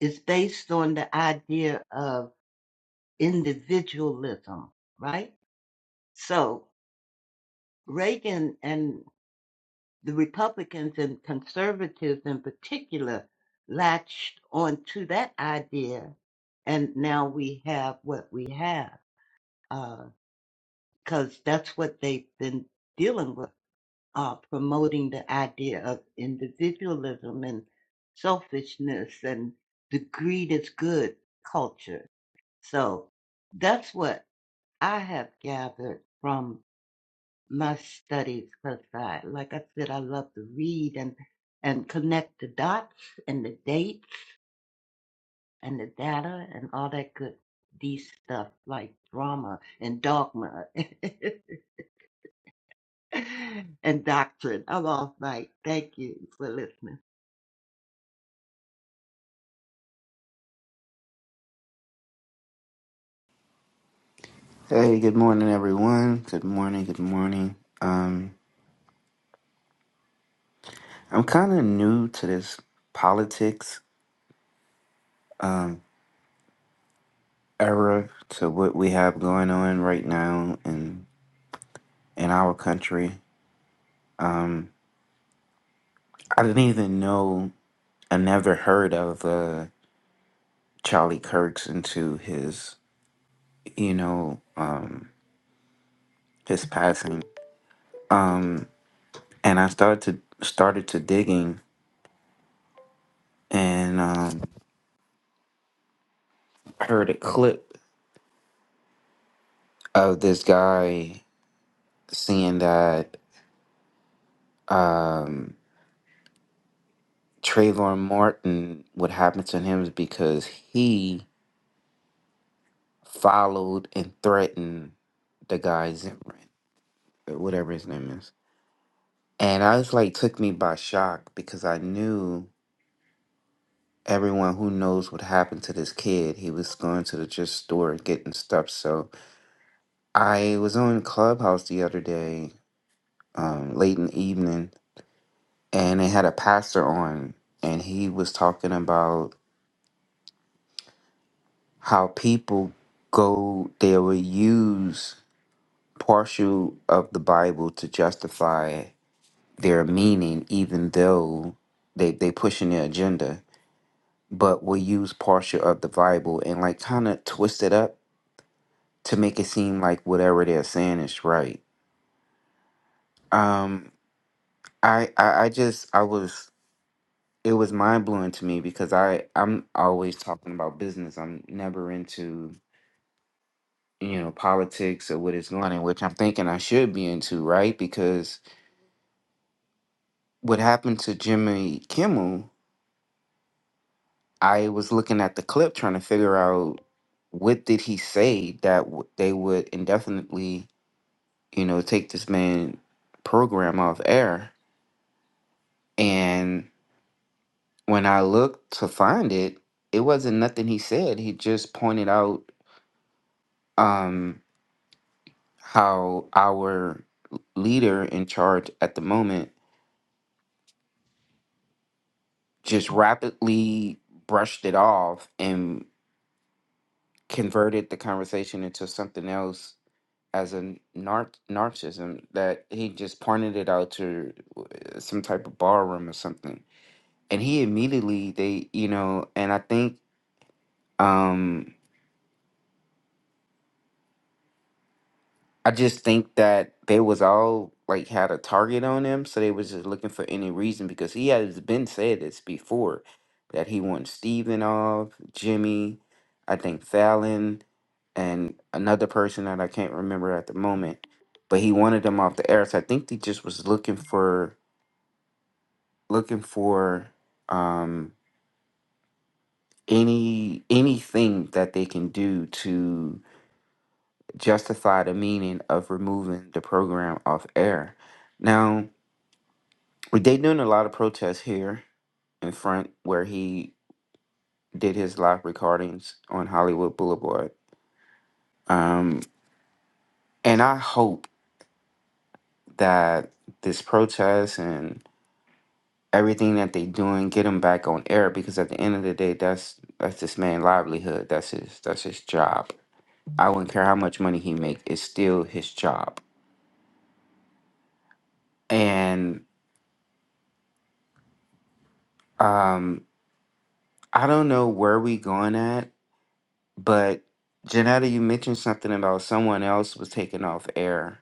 S4: is based on the idea of individualism, right? So Reagan and the Republicans and conservatives in particular latched onto that idea, and now we have what we have because uh, that's what they've been dealing with, uh, promoting the idea of individualism and selfishness and the greed is good culture. So that's what I have gathered from my studies because I, like I said, I love to read and and connect the dots and the dates and the data and all that good D stuff like drama and dogma *laughs* and doctrine. I'm off mic. Thank you for listening.
S5: Hey, good morning, everyone. Good morning, good morning. Um, I'm kind of new to this politics um, era, to what we have going on right now in in our country. Um, I didn't even know. I never heard of uh, Charlie Kirk's into his, you know, um, his passing. Um, and I started to started to digging and um, heard a clip of this guy saying that. um, Trayvon Martin, what happened to him is because he followed and threatened the guy Zimmerman, or whatever his name is. And I was like, took me by shock because I knew everyone who knows what happened to this kid. He was going to the just store and getting stuff. So I was on Clubhouse the other day, um, late in the evening, and they had a pastor on, and he was talking about how people go they will use partial of the bible to justify their meaning even though they they pushing their agenda but will use partial of the bible and like kind of twist it up to make it seem like whatever they're saying is right um i i, I just i was it was mind blowing to me because I I'm always talking about business. I'm never into you know politics or what is going on, which I'm thinking I should be into, right? Because what happened to Jimmy Kimmel, I was looking at the clip trying to figure out what did he say that w- they would indefinitely, you know, take this man program off air. And when I looked to find it, it wasn't nothing he said. He just pointed out um, how our leader in charge at the moment just rapidly brushed it off and converted the conversation into something else as a nar- narcissism that he just pointed it out to uh, some type of ballroom or something and he immediately they you know and i think um, I just think that they was all like had a target on him, so they was just looking for any reason because he has been said this before that he wants Steven off, Jimmy, I think Fallon, and another person that I can't remember at the moment. But he wanted them off the air, so I think they just was looking for looking for um any anything that they can do to justify the meaning of removing the program off air. Now They doing a lot of protests here in front where he did his live recordings on Hollywood Boulevard. Um, and I hope that this protest and everything that they doing get him back on air because at the end of the day, that's that's this man's livelihood. That's his that's his job. I wouldn't care how much money he make. It's still his job. And um, I don't know where we going at, but Janetta, you mentioned something about someone else was taken off air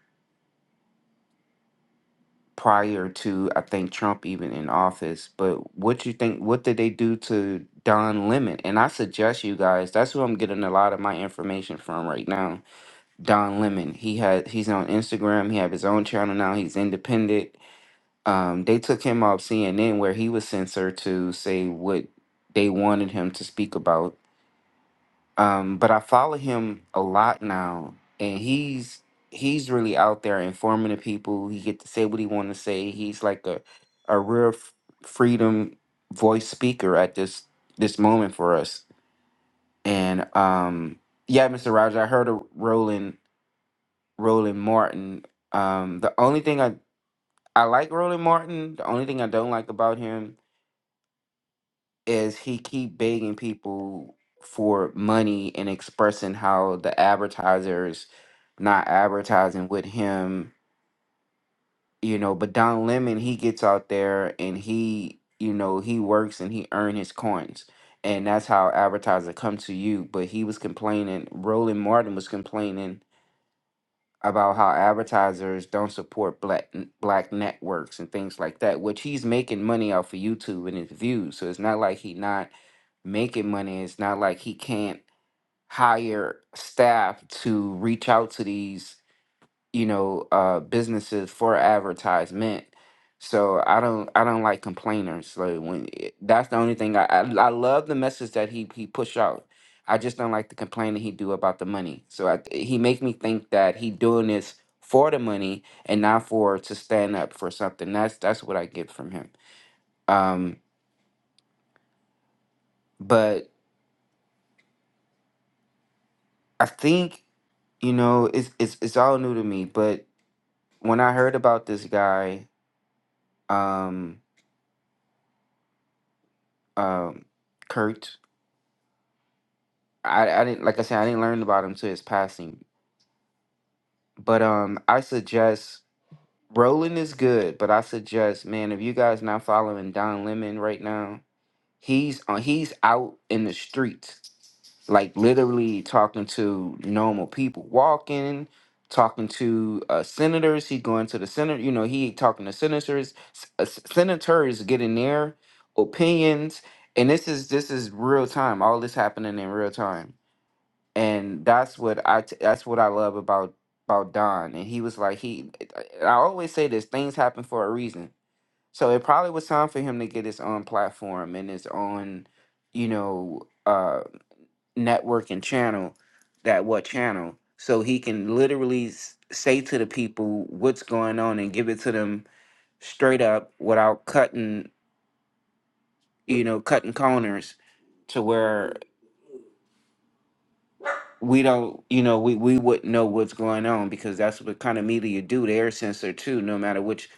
S5: prior to I think Trump even in office. But what you think? What did they do to Don Lemon? And I suggest you guys. That's who I'm getting a lot of my information from right now. Don Lemon. He had he's on Instagram. He have his own channel now. He's independent. Um, they took him off CNN where he was censored to say what they wanted him to speak about um, but I follow him a lot now, and he's he's really out there informing the people. He get to say what he want to say. He's like a a real f- freedom voice speaker at this this moment for us. And um, yeah, Mr. Rogers, I heard of Roland Roland Martin. Um, the only thing I I like Roland Martin. The only thing I don't like about him is he keep begging people for money and expressing how the advertisers not advertising with him, you know, but Don Lemon he gets out there and he, you know, he works and he earn his coins. And that's how advertisers come to you. But he was complaining, Roland Martin was complaining about how advertisers don't support black black networks and things like that, which he's making money off of YouTube and his views. So it's not like he not making money. It's not like he can't hire staff to reach out to these, you know, uh, businesses for advertisement. So I don't, I don't like complainers. Like when it- that's the only thing I, I, I love the message that he he push out. I just don't like the complaining he do about the money. So I, he make me think that he doing this for the money and not for to stand up for something. That's that's what I get from him. Um, but I think you know, it's it's it's all new to me. But when I heard about this guy, um, um, Kurt, I I didn't like I said I didn't learn about him till his passing. But um, I suggest Roland is good, but I suggest man, if you guys not following Don Lemon right now, he's on he's out in the streets like literally talking to normal people walking talking to uh, senators he going to the senate you know he talking to senators s- uh, s- senators getting their opinions and this is this is real time all this happening in real time and that's what i t- that's what i love about about don and he was like he i always say this things happen for a reason so it probably was time for him to get his own platform and his own you know uh network and channel that what channel so he can literally s- say to the people what's going on and give it to them straight up without cutting you know cutting corners to where we don't you know we, we wouldn't know what's going on because that's what kind of media you do the air sensor too no matter which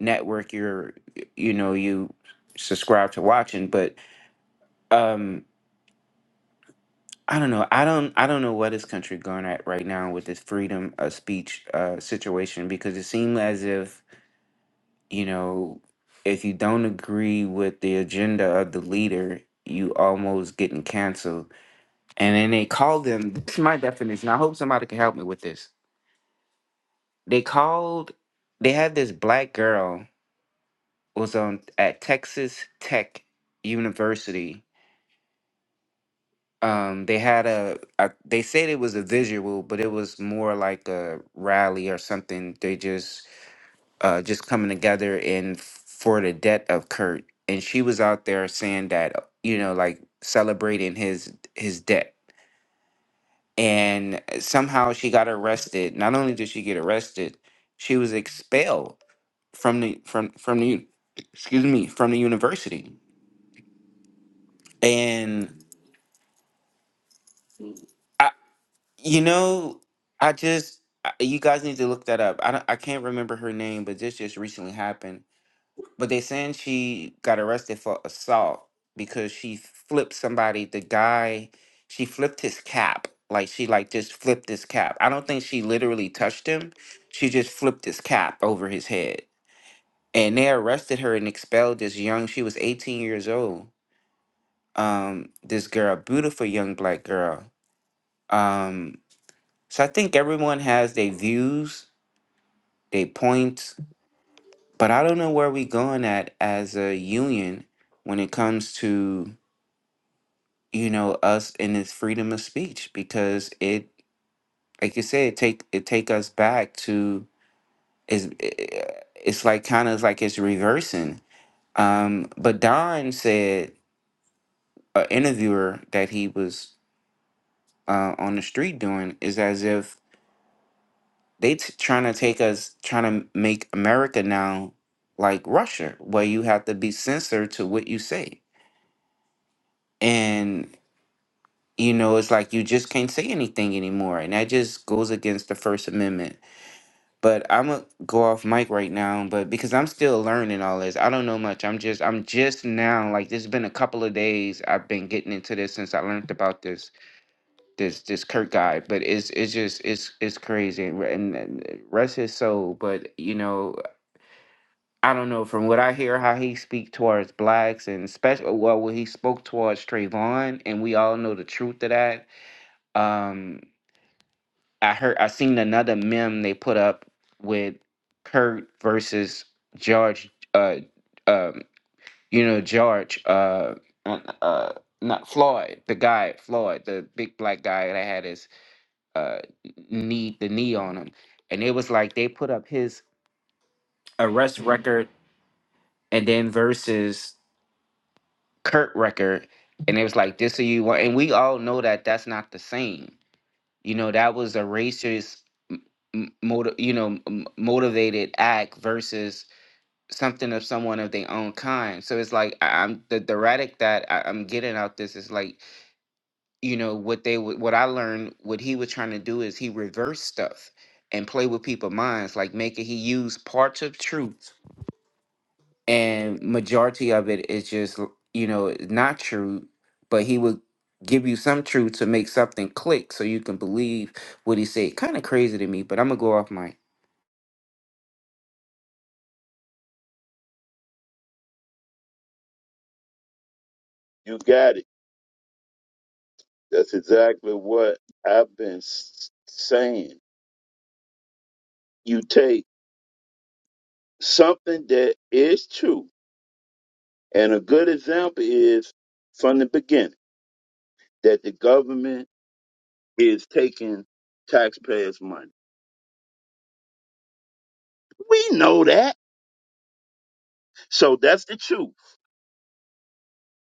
S5: network you're you know you subscribe to watching but um, I don't know. I don't. I don't know what this country going at right now with this freedom of speech uh, situation because it seemed as if you know, if you don't agree with the agenda of the leader, you almost getting canceled. And then they called them. This is my definition. I hope somebody can help me with this. They called. They had this black girl was on at Texas Tech University um they had a, a they said it was a visual but it was more like a rally or something they just uh just coming together and f- for the death of kurt and she was out there saying that uh, you know like celebrating his his death and uh, somehow she got arrested not only did she get arrested she was expelled from the from from the excuse me from the university and I You know, I just I- you guys need to look that up. I don't, I can't remember her name, but this just recently happened. But they saying she got arrested for assault because she flipped somebody. The guy, she flipped his cap. Like she like just flipped his cap. I don't think she literally touched him. She just flipped his cap over his head. And they arrested her and expelled this young, she was 18 years old. Um, this girl, beautiful young black girl. Um, so I think everyone has their views, their points, but I don't know where we going at as a union when it comes to you know us and this freedom of speech because it, like you said, it take it take us back to is eh, it's like kind of like it's reversing. Um, but Don said an interviewer that he was uh, on the street doing is as if They t- trying to take us, trying to make America now like Russia, where you have to be censored to what you say. And, you know, it's like you just can't say anything anymore. And that just goes against the First Amendment. But I'm gonna go off mic right now, but because I'm still learning all this, I don't know much. I'm just, I'm just now, like, this has been a couple of days. I've been getting into this since I learned about this this this Kirk guy, but it's it's just it's it's crazy and, re- and and rest his soul. But you know, I don't know from what I hear how he speak towards blacks and especially well when he spoke towards Trayvon and we all know the truth of that. Um, I heard I seen another meme they put up with Kurt versus George, uh, um, you know George, uh, uh, uh, not Floyd, the guy Floyd, the big black guy that had his uh knee the knee on him, and it was like they put up his arrest record and then versus. Kurt record, and it was like this or you want, and we all know that that's not the same. You know, that was a racist, m- motiv- you know, m- motivated act versus something of someone of their own kind. So it's like I- I'm the the radic that I, I'm getting out this is like you know what they would what I learned what he was trying to do is he reversed stuff and play with people's minds, like making he used parts of truth and majority of it is just you know not true but he would give you some truth to make something click so you can believe what he said kind of crazy to me but i'm gonna go off mic
S1: You got it. That's exactly what I've been s- saying. You take something that is true, and a good example is from the beginning that the government is taking taxpayers' money. We know that So that's the truth.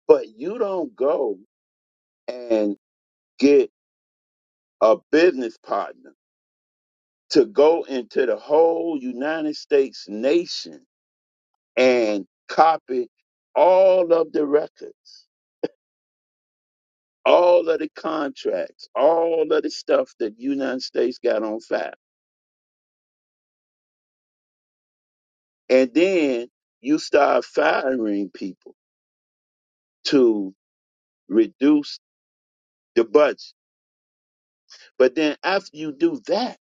S1: But you don't go and get a business partner to go into the whole United States nation and copy all of the records, all of the contracts, all of the stuff that United States got on file. And then you start firing people to reduce the budget. But then after you do that,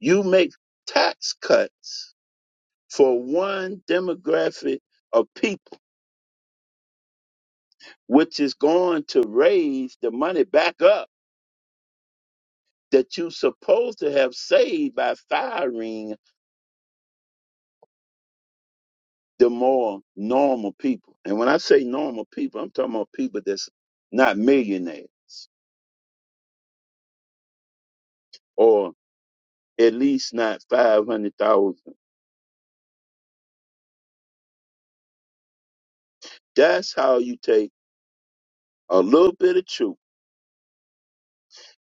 S1: you make tax cuts for one demographic of people, which is going to raise the money back up that you supposed to have saved by firing the more normal people. And when I say normal people, I'm talking about people that's not millionaires or at least not 500,000. That's how you take a little bit of truth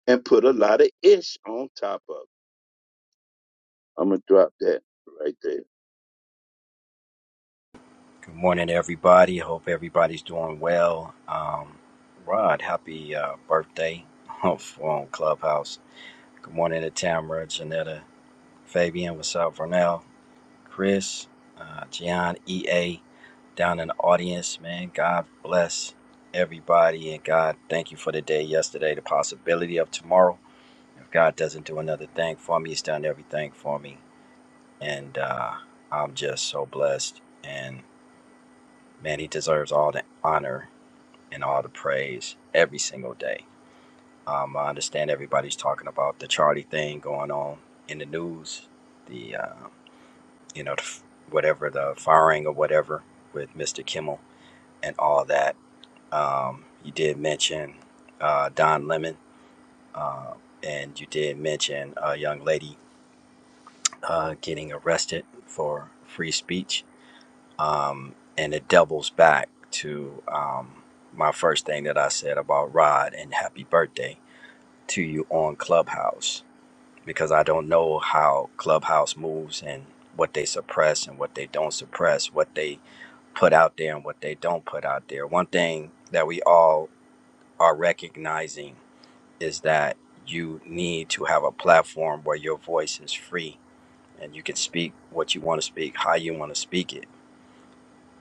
S1: and put a lot of ish on top of it. I'm going to drop that right there.
S6: Good morning, everybody. Hope everybody's doing well. Um, Rod, happy uh, birthday *laughs* on Clubhouse. Good morning to Tamara, Janetta, Fabian. What's up, Vernell, Chris, uh, Gian, EA, down in the audience, man. God bless everybody and God, thank you for the day yesterday, the possibility of tomorrow. If God doesn't do another thing for me, He's done everything for me. And uh, I'm just so blessed. And man, He deserves all the honor and all the praise every single day. Um, I understand everybody's talking about the Charlie thing going on in the news, the uh, you know the, f- whatever the firing or whatever with Mr. Kimmel and all that. Um, you did mention uh, Don Lemon, uh, and you did mention a young lady uh, getting arrested for free speech, um, and it doubles back to um, my first thing that I said about Rod and Happy Birthday to you on Clubhouse because I don't know how Clubhouse moves and what they suppress and what they don't suppress, what they put out there and what they don't put out there. One thing that we all are recognizing is that you need to have a platform where your voice is free and you can speak what you want to speak, how you want to speak it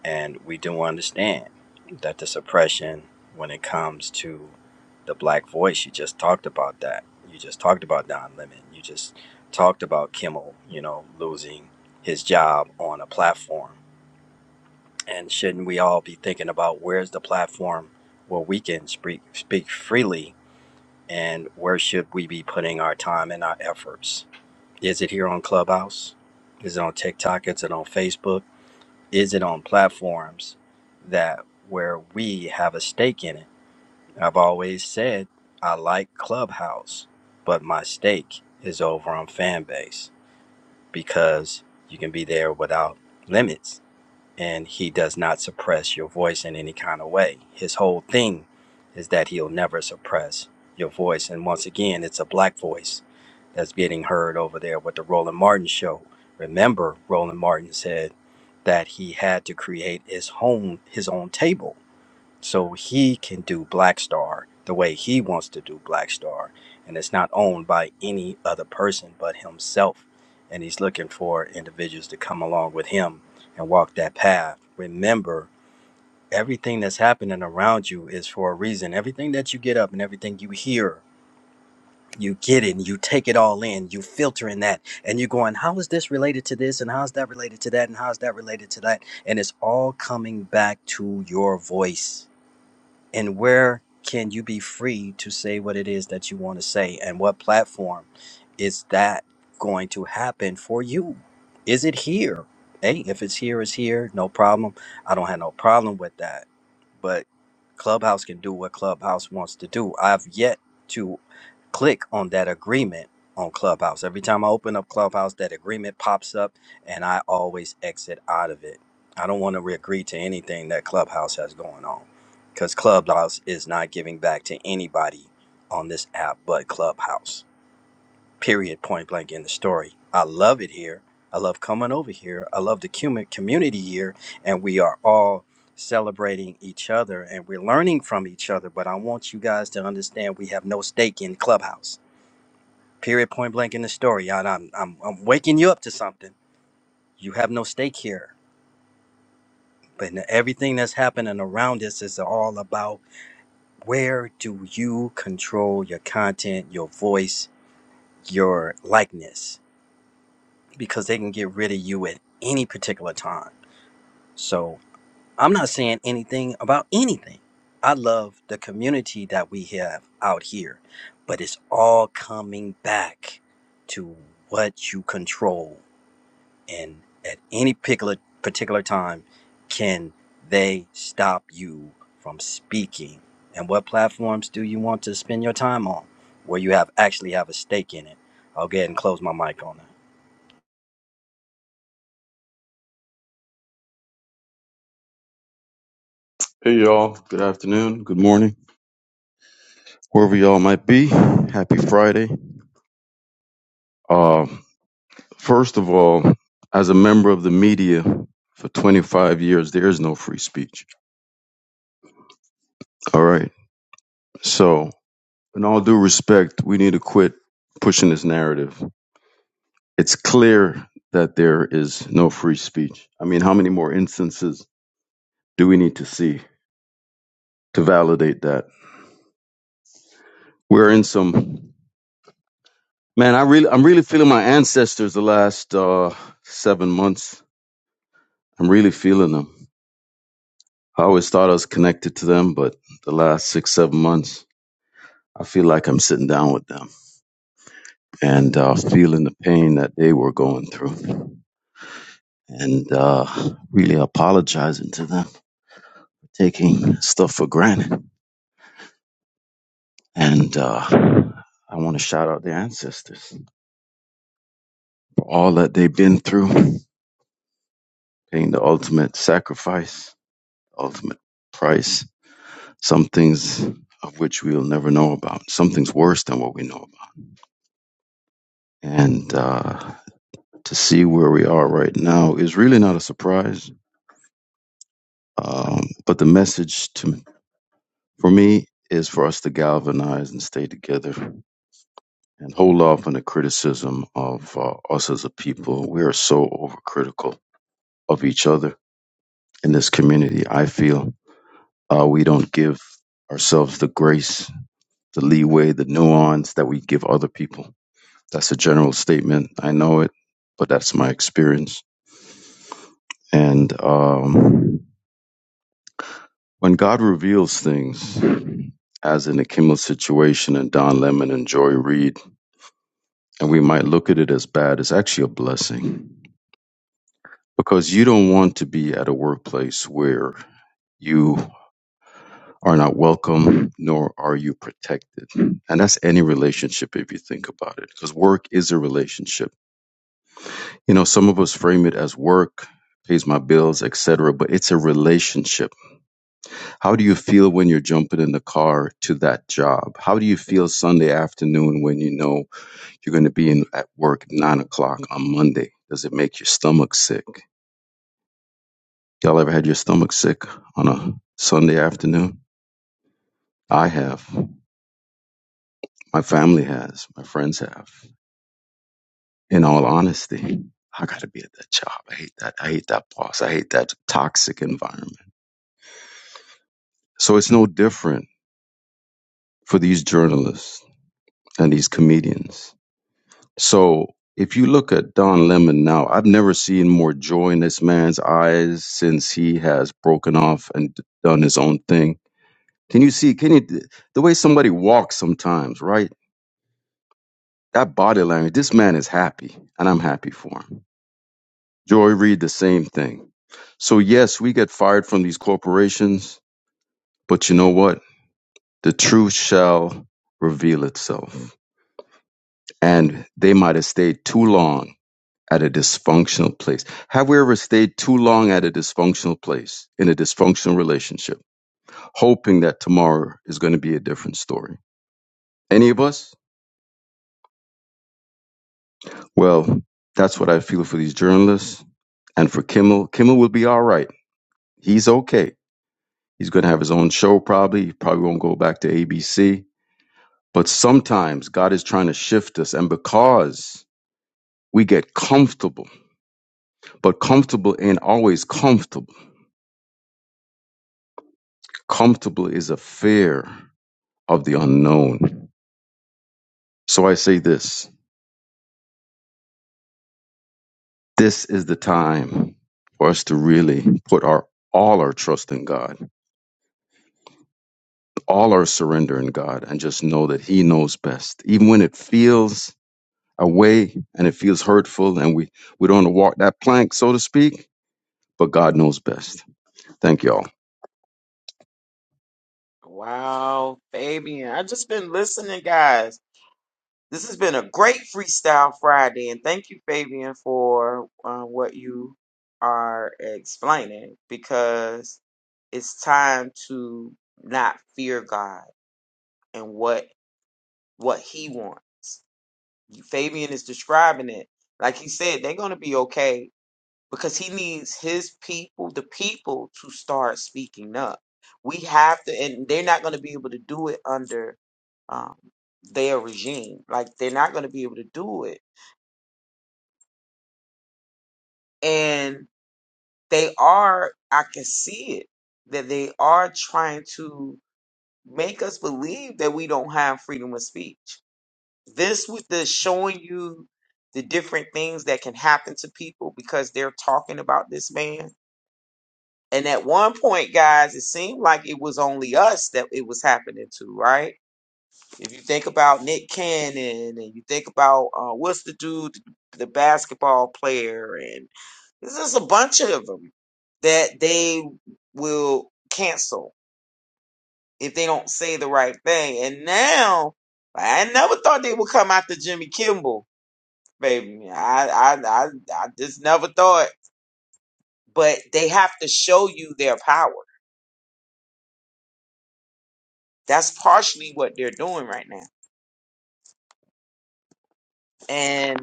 S6: and we do understand that the suppression, when it comes to the black voice, you just talked about that. You just talked about Don Lemon. You just talked about Kimmel, you know, losing his job on a platform. And shouldn't we all be thinking about where's the platform where we can speak, speak freely and where should we be putting our time and our efforts? Is it here on Clubhouse? Is it on TikTok? Is it on Facebook? Is it on platforms that where we have a stake in it? I've always said I like Clubhouse, but my stake is over on Fanbase because you can be there without limits and he does not suppress your voice in any kind of way. His whole thing is that he'll never suppress your voice. And once again, it's a black voice that's getting heard over there with the Roland Martin show. Remember, Roland Martin said that he had to create his own his own table so he can do Black Star the way he wants to do Black Star, and it's not owned by any other person but himself. And he's looking for individuals to come along with him and walk that path. Remember, everything that's happening around you is for a reason. Everything that you get up and everything you hear, you get it and you take it all in. You filter in that and you're going, how is this related to this? And how's that related to that? And how's that related to that? And it's all coming back to your voice and where can you be free to say what it is that you want to say and what platform is that going to happen for you is it here hey if it's here it's here no problem i don't have no problem with that but Clubhouse can do what Clubhouse wants to do. I've yet to click on that agreement on Clubhouse. Every time I open up Clubhouse, that agreement pops up and I always exit out of it. I don't want to agree to anything that Clubhouse has going on because Clubhouse is not giving back to anybody on this app but Clubhouse period point blank in the story. I love it here. I love coming over here. I love the cumin- community here, and we are all celebrating each other and we're learning from each other. But I want you guys to understand we have no stake in Clubhouse. Period point blank in the story. And I'm, I'm, I'm waking you up to something. You have no stake here. But n- everything that's happening around us is all about where do you control your content, your voice, your likeness? because they can get rid of you at any particular time. So I'm not saying anything about anything. I love the community that we have out here, but it's all coming back to what you control. And at any particular, particular time, can they stop you from speaking? And what platforms do you want to spend your time on where you have actually have a stake in it? I'll go ahead and close my mic on that.
S7: Hey y'all, good afternoon, good morning, wherever y'all might be. Happy Friday. Uh, first of all, as a member of the media for 25 years, there is no free speech. All right. So, in all due respect, we need to quit pushing this narrative. It's clear that there is no free speech. I mean, how many more instances do we need to see to validate that? We're in some man. I really, I'm really feeling my ancestors the last uh, seven months I'm really feeling them. I always thought I was connected to them, but the last six, seven months, I feel like I'm sitting down with them and uh, feeling the pain that they were going through and uh, really apologizing to them for taking stuff for granted. And uh, I want to shout out their ancestors for all that they've been through, paying the ultimate sacrifice, ultimate price. Some things of which we'll never know about, some things worse than what we know about. And, uh, to see where we are right now is really not a surprise. Um, but the message to for me is for us to galvanize and stay together and hold off on the criticism of uh, us as a people. We are so overcritical of each other in this community. I feel uh, we don't give ourselves the grace, the leeway, the nuance that we give other people. That's a general statement. I know it, but that's my experience. And um, when God reveals things. as in the Kimmel situation and Don Lemon and Joy Reid, and we might look at it as bad, it's actually a blessing because you don't want to be at a workplace where you are not welcome nor are you protected. And that's any relationship if you think about it because work is a relationship. You know, some of us frame it as work pays my bills, etc., but it's a relationship. How do you feel when you're jumping in the car to that job? How do you feel Sunday afternoon when you know If you're going to be in at work at nine o'clock on Monday, does it make your stomach sick? Y'all ever had your stomach sick on a Sunday afternoon? I have. My family has. My friends have. In all honesty, I got to be at that job. I hate that. I hate that boss. I hate that toxic environment. So it's no different for these journalists and these comedians. So if you look at Don Lemon now, I've never seen more joy in this man's eyes since he has broken off and d- done his own thing. Can you see? Can you the way somebody walks sometimes, right? That body language. This man is happy, and I'm happy for him. Joy Reid, the same thing. So yes, we get fired from these corporations, but you know what? The truth shall reveal itself. And they might have stayed too long at a dysfunctional place. Have we ever stayed too long at a dysfunctional place in a dysfunctional relationship, hoping that tomorrow is going to be a different story? Any of us? Well, that's what I feel for these journalists and for Kimmel. Kimmel will be all right. He's okay. He's going to have his own show probably. He probably won't go back to ABC. But sometimes God is trying to shift us. And because we get comfortable, but comfortable ain't always comfortable. Comfortable is a fear of the unknown. So I say this this is the time for us to really put our all our trust in God, all our surrender in God, and just know that He knows best. Even when it feels away and it feels hurtful and we, we don't want to walk that plank, so to speak, but God knows best. Thank y'all.
S2: Wow, Fabian. I just been listening, guys. This has been a great freestyle Friday, and thank you, Fabian, for uh, what you are explaining because it's time to not fear God and what what he wants. Fabian is describing it. Like he said, they're gonna be okay because he needs his people, the people, to start speaking up. We have to, and they're not gonna be able to do it under um, their regime. Like they're not gonna be able to do it, and they are. I can see it that they are trying to make us believe that we don't have freedom of speech This with the showing you the different things that can happen to people because they're talking about this man. And at one point, guys, it seemed like it was only us that it was happening to, right? If you think about Nick Cannon and you think about uh, what's the dude, the basketball player, and there's just a bunch of them that they will cancel if they don't say the right thing. And now I never thought they would come after Jimmy Kimball baby. I, I, I, I just never thought. But they have to show you their power. That's partially what they're doing right now. And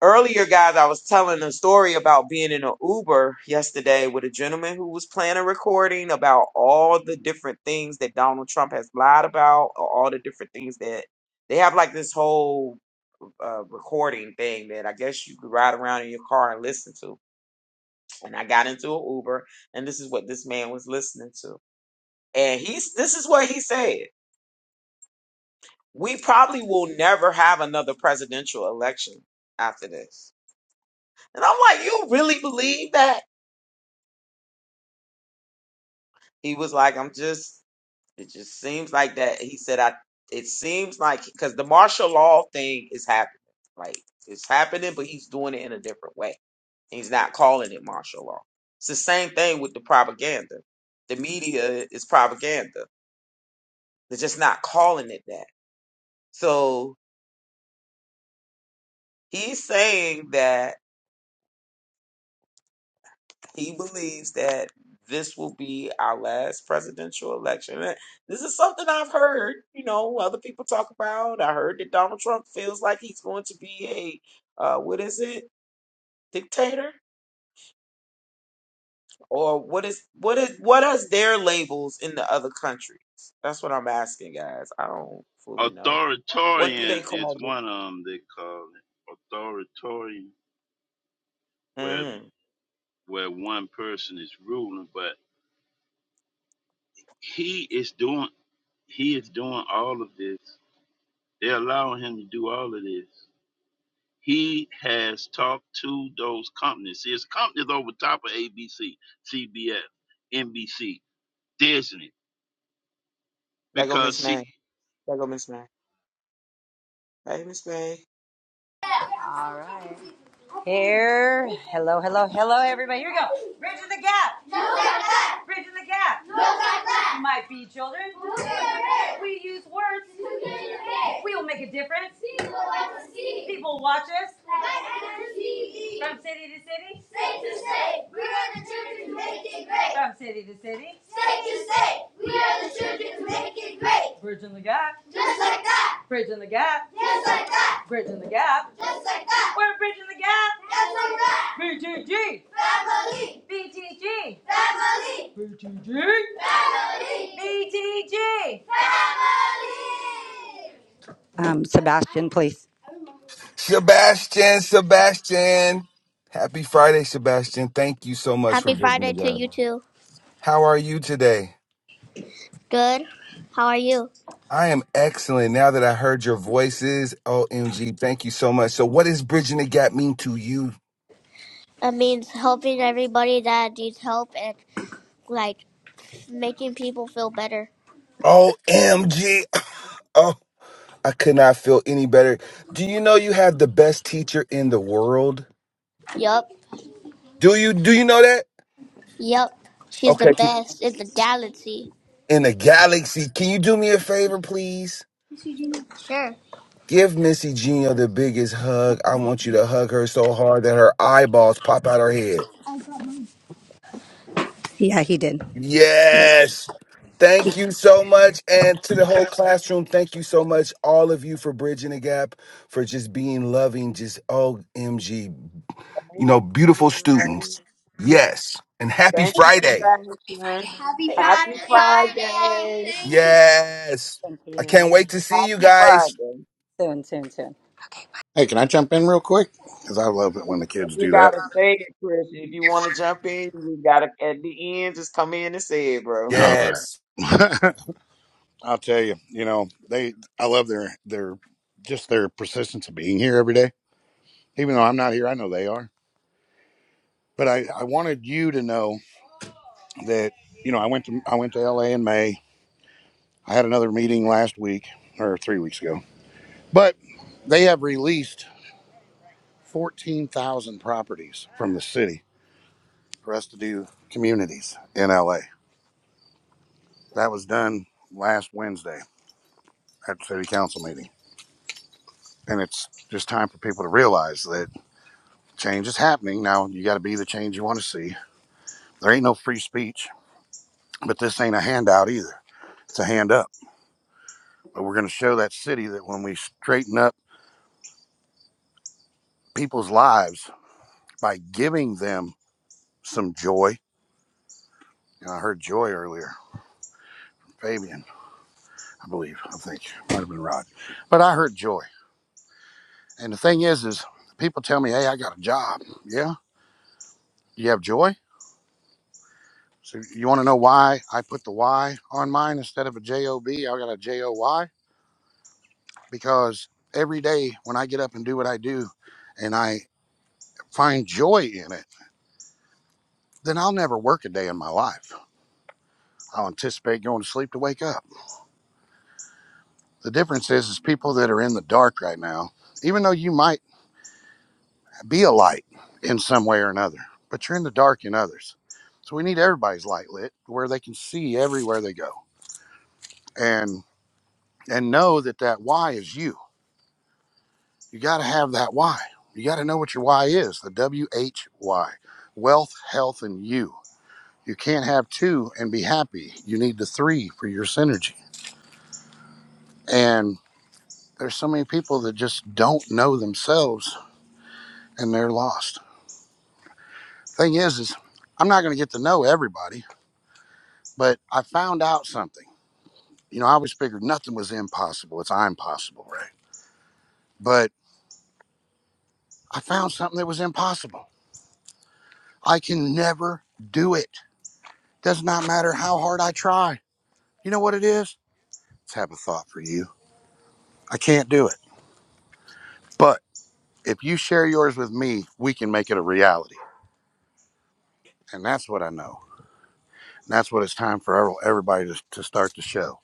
S2: earlier, guys, I was telling a story about being in an Uber yesterday with a gentleman who was playing a recording about all the different things that Donald Trump has lied about, or all the different things that they have like this whole uh, recording thing that I guess you could ride around in your car and listen to. And I got into an Uber, and this is what this man was listening to. And he's this is what he said. We probably will never have another presidential election after this. And I'm like, you really believe that? He was like, I'm just it just seems like that. He said I it seems like because the martial law thing is happening. Like it's happening, but he's doing it in a different way. He's not calling it martial law. It's the same thing with the propaganda. The media is propaganda. They're just not calling it that. So he's saying that He believes that this will be our last presidential election. And This is something I've heard, you know, other people talk about. I heard that Donald Trump feels like he's going to be a uh, what is it, dictator, or what is what is what is their labels in the other countries? That's what I'm asking, guys. I don't fully know. What do they
S1: Authoritarian is
S2: call
S1: one
S2: it?
S1: of them they call it. Authoritarian, where
S2: Mm.
S1: where one person is ruling, but he is doing he is doing all of this. They're allowing him to do all of this. He has talked to those companies. his companies over top of ABC, CBS, NBC, Disney,
S2: There go
S1: because
S2: Miss May.
S1: see,
S2: There go Miss May. Hey, Miss May.
S8: All right. Here. Hello, hello, hello, everybody. Here we go. Bridging the gap. Bridging the gap. My bee children, we use words. We will make a difference. People watch us from city to city, state state, to state. we are the children who make it great. from city to city. state state, to state. we are the children who make it great. Bridging the gap, just like that. Bridging the gap, just like that. Bridging the gap. just like that. We're bridging the gap. Just like that. B G G. Family. BTG. Family. BTG. Family. BTG. Family. Um, Sebastian, please.
S9: Sebastian, Sebastian. Happy Friday, Sebastian. Thank you so much for
S8: Happy
S9: bridging the
S8: Friday to
S9: gap.
S8: you too.
S9: How are you today?
S8: Good. How are you?
S9: I am excellent now that I heard your voices. OMG, thank you so much. So, what does bridging the gap mean to you?
S8: It means helping everybody that needs help and like making people feel better.
S9: OMG. Oh, I could not feel any better. Do you know you have the best teacher in the world?
S8: Yup.
S9: Do you do you know that?
S8: Yup. She's the
S9: Okay, keep-
S8: best in the galaxy.
S9: in the galaxy. Can you do me a favor, please?
S8: Sure.
S9: Give Missy Gino the biggest hug. I want you to hug her so hard that her eyeballs pop out her head.
S8: Yeah, he did. Happy
S9: Yes. Thank you so much. And to the whole classroom, thank you so much, all of you, for bridging the gap, for just being loving, just OMG,
S2: Hey,
S9: you know,
S2: Miss
S9: beautiful
S2: May.
S9: students. Yes. And happy
S2: Thank you, for
S9: Friday.
S2: Sebastian. Happy
S8: Friday. Friday.
S2: Friday.
S8: Thank you.
S9: Yes.
S8: Thank
S9: I
S8: you.
S9: can't wait to see you
S2: Happy
S9: guys.
S2: Friday.
S8: Soon, soon, soon.
S10: Hey, can I jump in real quick? Because I love it when the kids
S2: You
S10: do that.
S2: gotta say it, Chris. If you wanna jump in, you gotta at the end just come in and say it, bro.
S10: All
S9: Yes.
S10: right. *laughs* I'll tell you, you know, they, I love their, their, just their persistence of being here every day. Even though I'm not here, I know they are. But I, I wanted you to know that, you know, I went to, I went to LA in May. I had another meeting last week or three weeks ago, but they have released 14,000 properties from the city for us to do communities in LA. That was done last Wednesday at the city council meeting and it's just time for people to realize that change is happening now you got to be the change you want to see there ain't no free speech but this ain't a handout either it's a hand up but we're going to show that city that when we straighten up people's lives by giving them some joy and i heard joy earlier fabian i believe i think might have been rod but i heard joy and the thing is is people tell me hey i got a job yeah you have joy so you want to know why i put the y on mine instead of a j-o-b i got a j-o-y because every day when I get up and do what I do and I find joy in it, then I'll never work a day in my life. I'll anticipate going to sleep to wake up. The difference is is people that are in the dark right now, even though you might be a light in some way or another, but you're in the dark in others. So we need everybody's light lit where they can see everywhere they go and and know that that why is you. You got to have that why. You got to know what your why is, the W H Y, wealth, health and you You can't have two and be happy. You need the three for your synergy. And there's so many people that just don't know themselves and they're lost. Thing is, is I'm not going to get to know everybody, but I found out something. You know, I always figured nothing was impossible. It's I'm possible, right? But I found something that was impossible. I can never do it. Does not matter how hard I try. You know what it is? Let's have a thought for you. I can't do it. But if you share yours with me, we can make it a reality And that's what I know. And that's what it's time for everybody to, to start to show.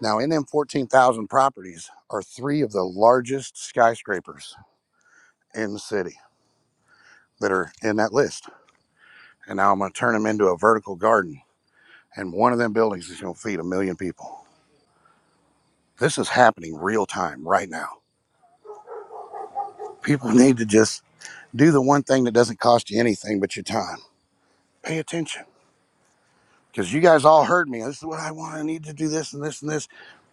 S10: Now, in them 14,000 properties are three of the largest skyscrapers in the city that are in that list. And now I'm going to turn them into a vertical garden. And one of them buildings is going to feed a million people. This is happening real time right now. People *laughs* need to just do the one thing that doesn't cost you anything but your time. Pay attention. Because you guys all heard me. This is what I want. I need to do this and this and this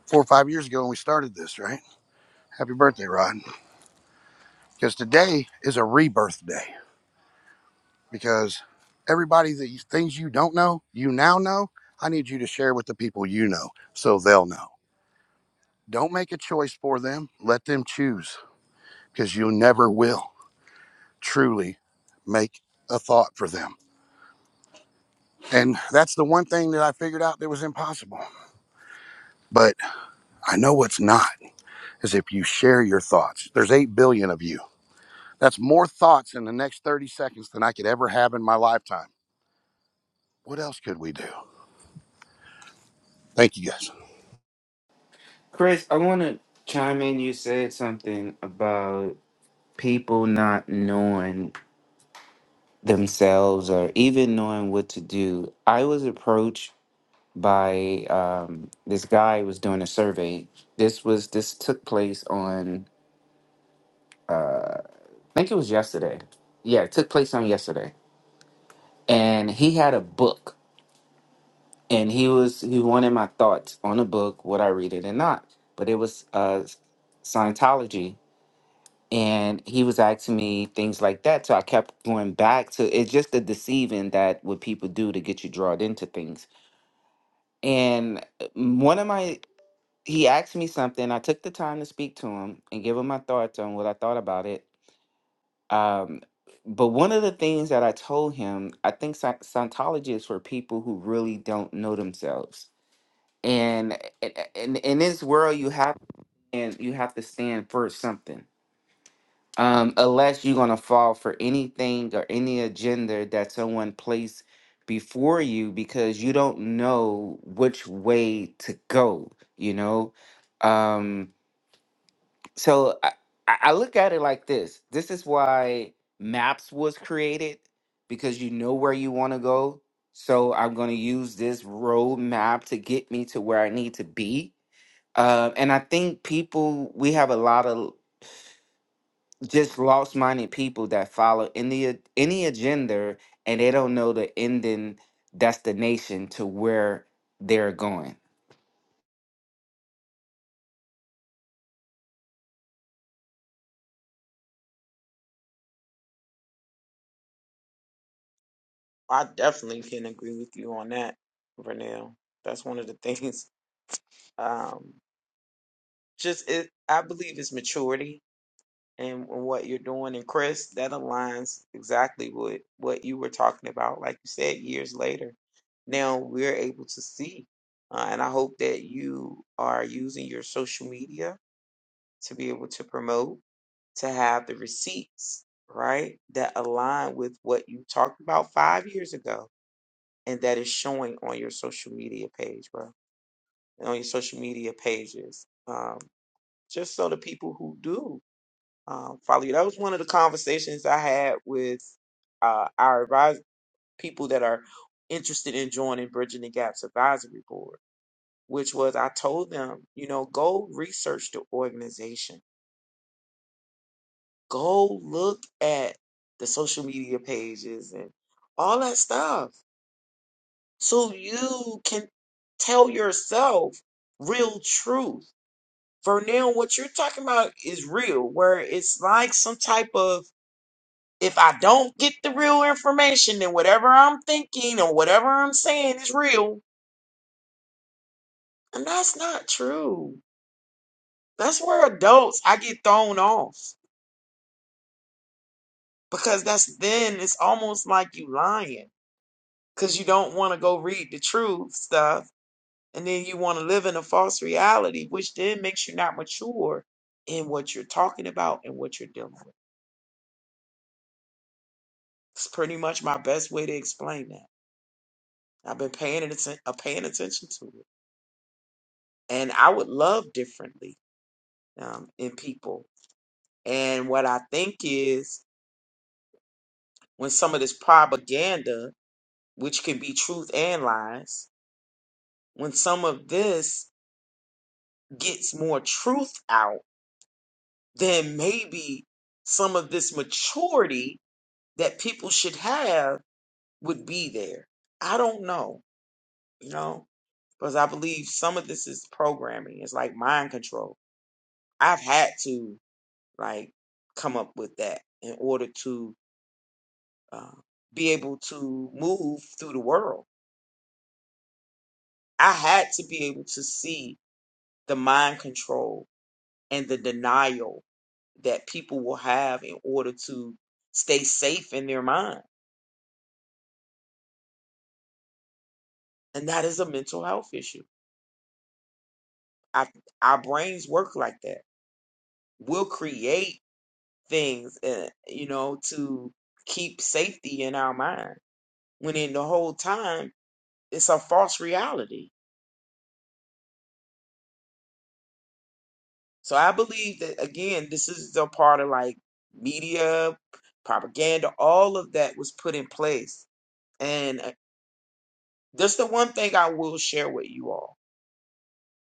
S10: four or five years ago when we started this, right? Happy birthday, Rod Because today is a rebirth day. Because everybody that things you don't know, you now know. I need you to share with the people you know so they'll know. Don't make a choice for them. Let them choose because you never will truly make a thought for them. And that's the one thing that I figured out that was impossible. But I know what's not is if you share your thoughts. There's 8 billion of you. That's more thoughts in the next 30 seconds than I could ever have in my lifetime. What else could we do? Thank you guys.
S5: chris i want to chime in you said something about people not knowing themselves or even knowing what to do i was approached by um, this guy who was doing a survey this was this took place on i think it was yesterday yeah it took place on yesterday and he had a book and he was he wanted my thoughts on the book would i read it or not but it was uh scientology and he was asking me things like that so i kept going back to it's just the deceiving that what people do to get you drawn into things and uh, one of my he asked me something i took the time to speak to him and give him my thoughts on what i thought about it um but one of the things that I told him, I think Sci- Scientology is for people who really don't know themselves and in in this world you have and you have to stand for something um unless you're going to fall for anything or any agenda that someone placed before you because you don't know which way to go you know um so i i I look at it like this this is why maps was created because you know where you want to go so i'm going to use this road map to get me to where i need to be uh, and I think people, we have a lot of just lost minded people that follow any a- any agenda, and they don't know the ending destination to where they're going.
S2: I definitely can agree with you on that, Vernell. That's one of the *laughs* things. Um just it I believe it's maturity. and what you're doing. And Chris, that aligns exactly with what you were talking about. Like you said, years later, now we're able to see. Uh, and I hope that you are using your social media to be able to promote, to have the receipts, right, that align with what you talked about five years ago and that is showing on your social media page, bro, and on your social media pages. Um, just so the people who do um, follow you. That was one of the conversations I had with uh, our advis people that are interested in joining Bridging the Gaps Advisory Board, which was I told them, you know, go research the organization, go look at the social media pages and all that stuff, so you can tell yourself real truth. For now, what you're talking about is real, where it's like some type of If I don't get the real information, then whatever I'm thinking or whatever I'm saying is real. And that's not true. That's where adults I get thrown off because that's then it's almost like you lying because you don't want to go read the truth stuff and then you want to live in a false reality, which then makes you not mature in what you're talking about and what you're dealing with. It's pretty much my best way to explain that. I've been paying atten- uh, paying attention to it, and I would love differently. um, in people. And what I think is when some of this propaganda, which can be truth and lies, when some of this gets more truth out, then maybe some of this maturity that people should have would be there. I don't know, you know, because I believe some of this is programming. It's like mind control. I've had to like come up with that in order to uh, be able to move through the world. I had to be able to see the mind control and the denial that people will have in order to stay safe in their mind. And that is a mental health issue. I, our brains work like that. We'll create things, uh, you know, to keep safety in our mind when in the whole time it's a false reality. So I believe that again, this is a part of like media propaganda. All of that was put in place, and uh, that's the one thing I will share with you all.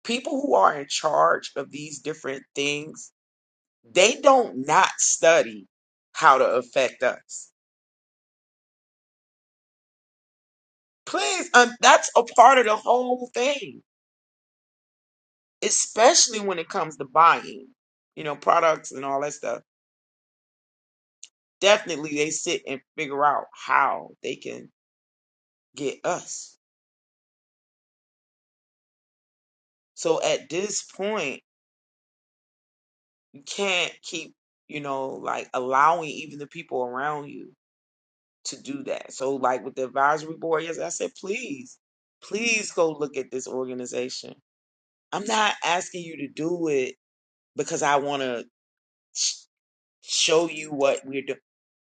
S2: People who are in charge of these different things, they don't not study how to affect us. Please, um, that's a part of the whole thing, especially when it comes to buying, you know, products and all that stuff. Definitely, they sit and figure out how they can get us. So at this point, you can't keep, you know, like allowing even the people around you to do that. So, like with the advisory board, yes, I said, please, please go look at this organization. I'm not asking you to do it because I want to show you what we're doing.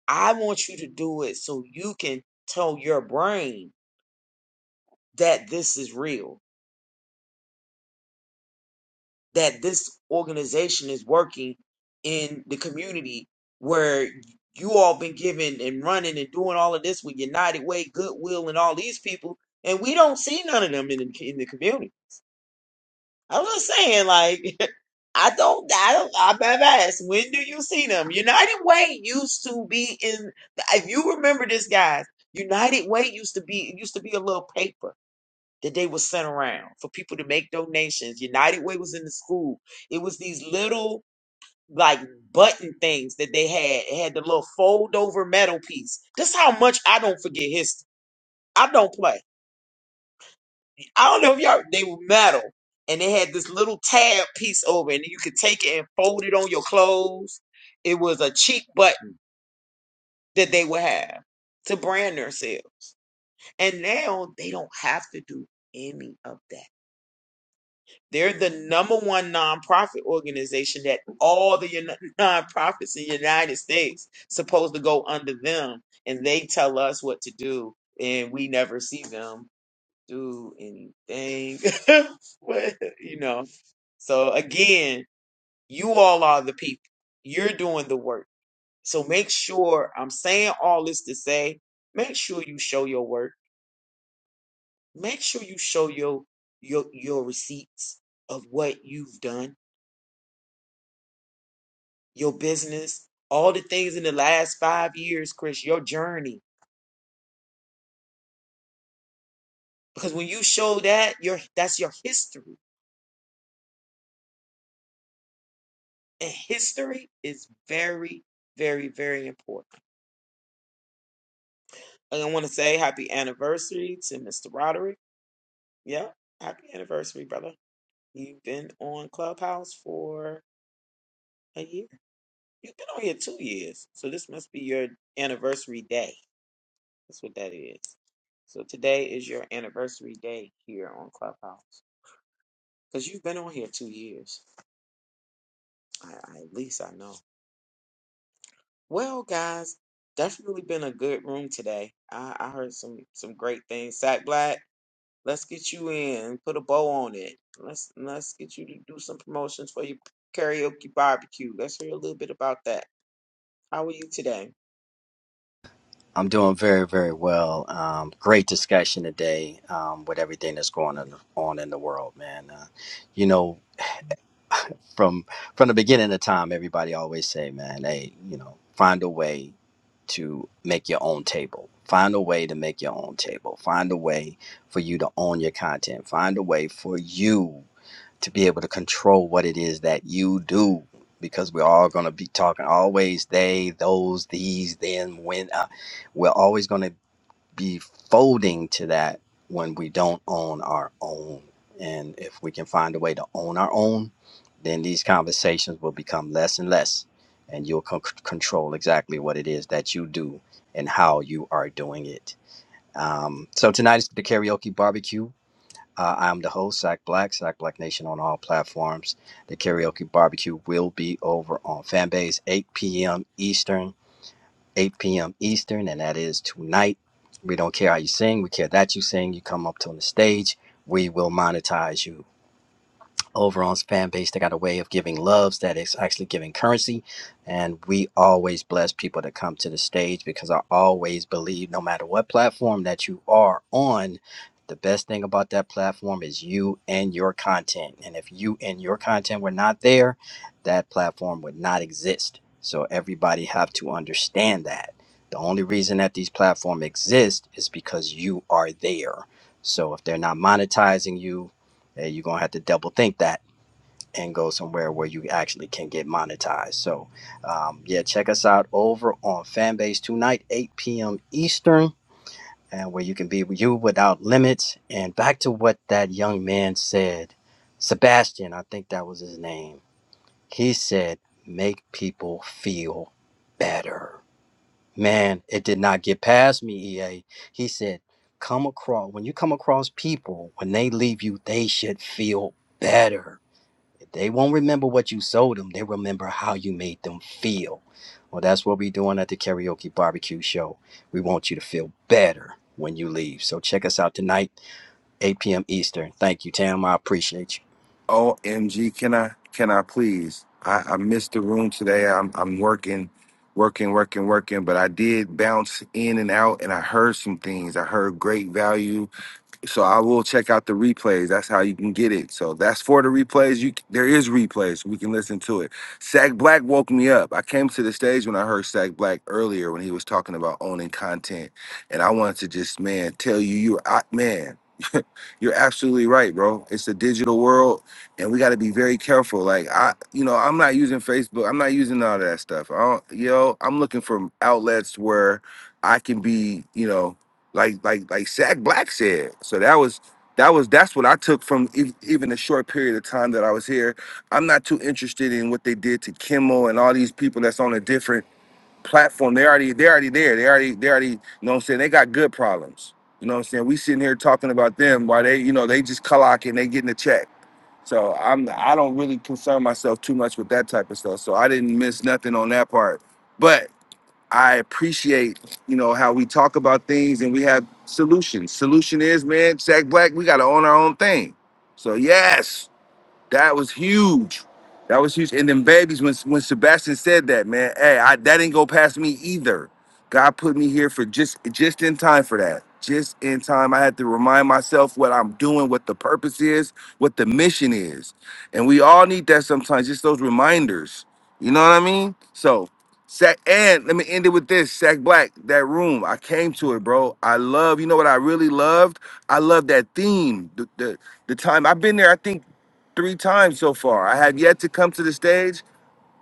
S2: I want you to do it so you can tell your brain that this is real that this organization is working in the community where you all been giving and running and doing all of this with United Way, Goodwill, and all these people, and we don't see none of them in the, in the community. I'm just saying, like, *laughs* I don't, I don't, I've asked, when do you see them? United Way used to be in, if you remember this, guys, United Way used to be, it used to be a little paper that they were sent around for people to make donations. United Way was in the school. It was these little like button things that they had. It had the little fold over metal piece. This how much I don't forget history. I don't play. I don't know if y'all they were metal and they had this little tab piece over it, and you could take it and fold it on your clothes. It was a cheap button that they would have to brand themselves. And now they don't have to do any of that. They're the number one nonprofit organization that all the uni- *laughs* nonprofits in the United States supposed to go under them, and they tell us what to do, and we never see them do anything. *laughs* What- you know. So again, you all are the people. You're doing the work. So make sure I'm saying all this to say, make sure you show your work. Make sure you show your your your receipts of what you've done your business, all the things in the last five years, Chris, your journey. Because when you show that, your that's your history. And history is very, very, very important. And I want to say happy anniversary to Mr. Roderick. Yeah, happy anniversary, brother. You've been on Clubhouse for a year. You've been on here two years. So this must be your anniversary day. That's what that is. So today is your anniversary day here on Clubhouse. Because you've been on here two years. I, I at least I know. Well, guys, definitely been a good room today. I, I heard some some great things. Sack Black, let's get you in. Put a bow on it. Let's let's get you to do some promotions for your karaoke barbecue. Let's hear a little bit about that. How are you today?
S6: I'm doing very, very well. Um, great discussion today um, with everything that's going on, on in the world, man. Uh, you know, from from the beginning of time, everybody always say, man, hey, you know, find a way to make your own table. Find a way to make your own table. Find a way for you to own your content. Find a way for you to be able to control what it is that you do. Because we're all going to be talking always they, those, these, then, when. Uh, we're always going to be folding to that when we don't own our own. And if we can find a way to own our own, then these conversations will become less and less, and you'll con- control exactly what it is that you do and how you are doing it. Um, so tonight is the karaoke barbecue. Uh, I'm the host, Sack Black, Sack Black Nation on all platforms. The karaoke barbecue will be over on Fanbase 8 p.m. Eastern. 8 p.m. Eastern, and that is tonight. We don't care how you sing. We care that you sing. You come up on the stage. We will monetize you. Over on fan base. They got a way of giving loves that is actually giving currency. And we always bless people to come to the stage because I always believe no matter what platform that you are on, the best thing about that platform is you and your content. And if you and your content were not there, that platform would not exist. So everybody have to understand that. The only reason that these platforms exist is because you are there. So if they're not monetizing you, eh, you're gonna have to double think that and go somewhere where you actually can get monetized. So, um, yeah, check us out over on Fanbase tonight, 8 p.m. Eastern, and where you can be you without limits. And back to what that young man said, Sebastian, I think that was his name. He said, make people feel better. Man, it did not get past me, EA. He said, come across, when you come across people, when they leave you, they should feel better they won't remember what you sold them. They remember how you made them feel. Well, that's what we're doing at the karaoke barbecue show. We want you to feel better when you leave. So check us out tonight, 8 p.m. Eastern. Thank you, Tam. I appreciate you.
S9: OMG, can I can I please? I, I missed the room today. I'm I'm working, working, working, working, but I did bounce in and out and I heard some things. I heard great value. So I will check out the replays. That's how you can get it. So that's for the replays. You there is replays. We can listen to it. Sack Black woke me up. I came to the stage when I heard Sack Black earlier when he was talking about owning content, and I wanted to just man tell you you I, man. *laughs* You're absolutely right, bro. It's a digital world, and we got to be very careful. Like I, you know, I'm not using Facebook. I'm not using all that stuff. I don't, you know, I'm looking for outlets where I can be, you know like like like Shaq Black said. So that was that was that's what I took from ev- even the short period of time that I was here. I'm not too interested in what they did to Kimmel and all these people that's on a different platform. They already they already there. They already they already you know what I'm saying. They got good problems. You know what I'm saying. We sitting here talking about them while they you know they just clocking they getting a check. So I'm I don't really concern myself too much with that type of stuff. So I didn't miss nothing on that part. But I appreciate, you know, how we talk about things and we have solutions. Solution is, man, Jack Black, we gotta own our own thing. So yes. That was huge. That was huge. And then babies, when when Sebastian said that, man, hey, I, that didn't go past me either. God put me here for just just in time for that. Just in time, I had to remind myself what I'm doing, what the purpose is, what the mission is, and we all need that sometimes. Just those reminders. You know what I mean? So, Sack, and let me end it with this: Sack Black, that room, I came to it, bro. I love. You know what I really loved? I love that theme. The the, the time I've been there, I think three times so far. I have yet to come to the stage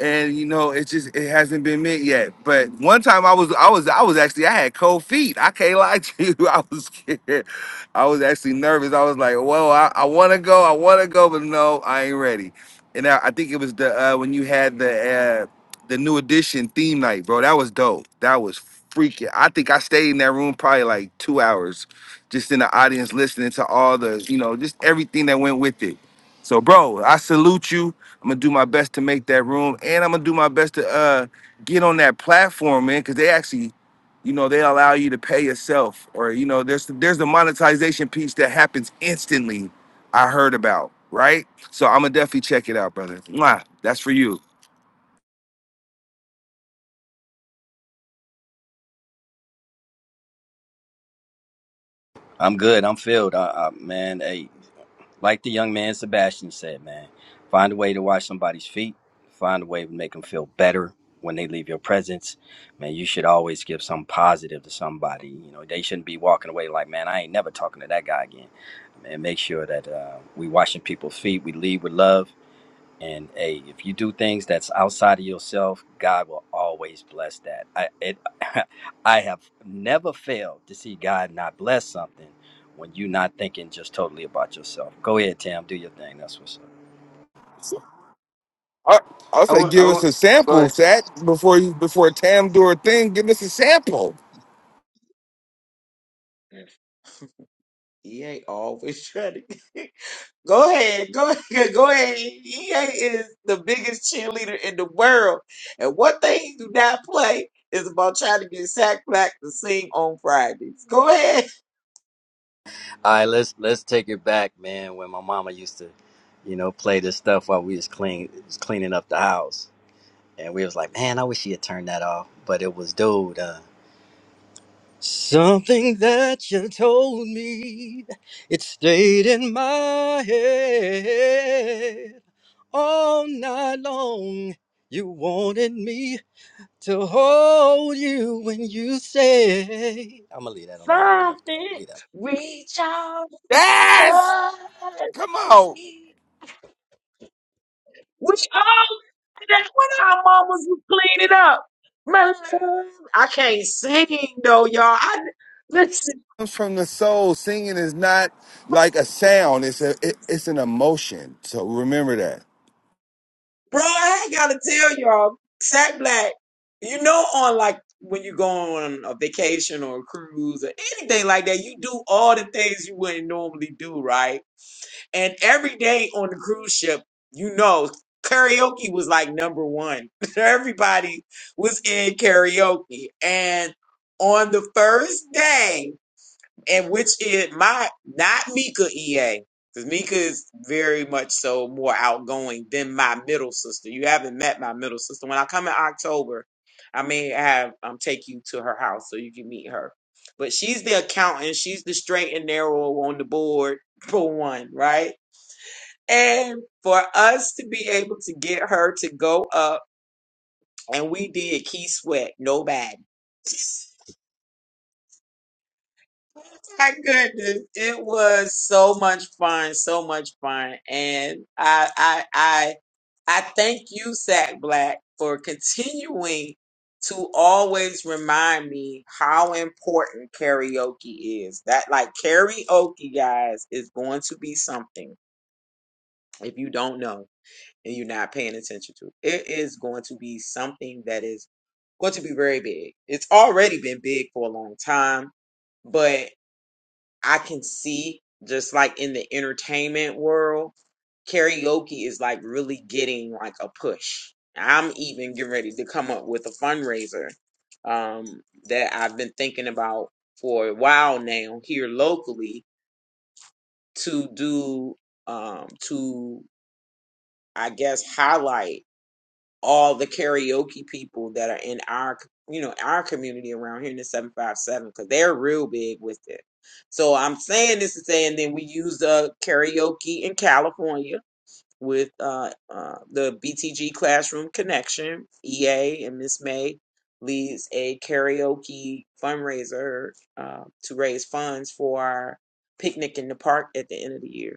S9: and you know it's just it hasn't been meant yet but one time i was i was i was actually i had cold feet i can't *laughs* lie to you *laughs* i was scared i was actually nervous i was like whoa i, I want to go i want to go but no i ain't ready and i, I think it was the uh, when you had the uh, the new edition theme night bro that was dope that was freaking i think i stayed in that room probably like two hours just in the audience listening to all the you know just everything that went with it so bro i salute you I'm gonna do my best to make that room, and I'm gonna do my best to uh get on that platform, man, because they actually, you know, they allow you to pay yourself, or you know, there's there's the monetization piece that happens instantly. I heard about, right? So I'm gonna definitely check it out, brother. Mwah, that's for you.
S6: I'm good. I'm filled. I, I, man, hey, Like the young man Sebastian said, man, find a way to wash somebody's feet. Find a way to make them feel better when they leave your presence. Man, you should always give some positive to somebody. You know, they shouldn't be walking away like, man, I ain't never talking to that guy again. Man, make sure that uh, we washing people's feet. We lead with love. And hey, if you do things that's outside of yourself, God will always bless that. I it, *laughs* I have never failed to see God not bless something when you're not thinking just totally about yourself. Go ahead, Tam, do your thing. That's what's up.
S9: I, I'll
S5: I
S9: say,
S5: want, I
S9: give us
S5: want,
S9: a
S5: go
S9: sample,
S5: ahead.
S9: Sat, before you before Tam do her thing. Give us a sample.
S2: He ain't always *laughs* ready. Go ahead, go ahead, *laughs* go ahead. EA is the biggest cheerleader in the world, and one thing he do not play is about trying to get Sack Black to sing on Fridays. Go ahead.
S6: All right, let's let's take it back, man. When my mama used to, you know, play this stuff while we was clean was cleaning up the house, and we was like, man, I wish she had turned that off. But it was dude. uh, Something that you told me, it stayed in my head all night long. You wanted me to hold you when you say, I'm gonna leave that alone. We left that.
S2: Something
S6: Leave that.
S2: reach out
S9: Yes,
S2: to
S9: come on.
S2: me. We all that's when our mamas would clean it up. My love, I can't sing though, y'all. I listen.
S9: comes from the soul. Singing is not like a sound. It's a it, it's an emotion. So remember that.
S2: Bro, I ain't gotta tell y'all, Sack Black, you know, on like when you go on a vacation or a cruise or anything like that, you do all the things you wouldn't normally do, right? And every day on the cruise ship, you know, karaoke was like number one. *laughs* Everybody was in karaoke. And on the first day, and which is my not Mika EA because Mika is very much so more outgoing than my middle sister. You haven't met my middle sister. When I come in October, I may have um take you to her house so you can meet her. But she's the accountant. She's the straight and narrow on the board *laughs* for one, right? And for us to be able to get her to go up, and we did key sweat, no bad. My goodness, it was so much fun, so much fun, and I, I, I, I thank you, Sack Black, for continuing to always remind me how important karaoke is. That, like, karaoke, guys, is going to be something if you don't know and you're not paying attention to. It is going to be something that is going to be very big. It's already been big for a long time but. I can see just like in the entertainment world, karaoke is like really getting like a push. I'm even getting ready to come up with a fundraiser um, that I've been thinking about for a while now here locally to do um, to I guess highlight all the karaoke people that are in our you know our community around here in the 757 because they're real big with it so i'm saying this to say and then we use the karaoke in california with uh, uh the btg classroom connection ea and miss may leads a karaoke fundraiser uh, to raise funds for our picnic in the park at the end of the year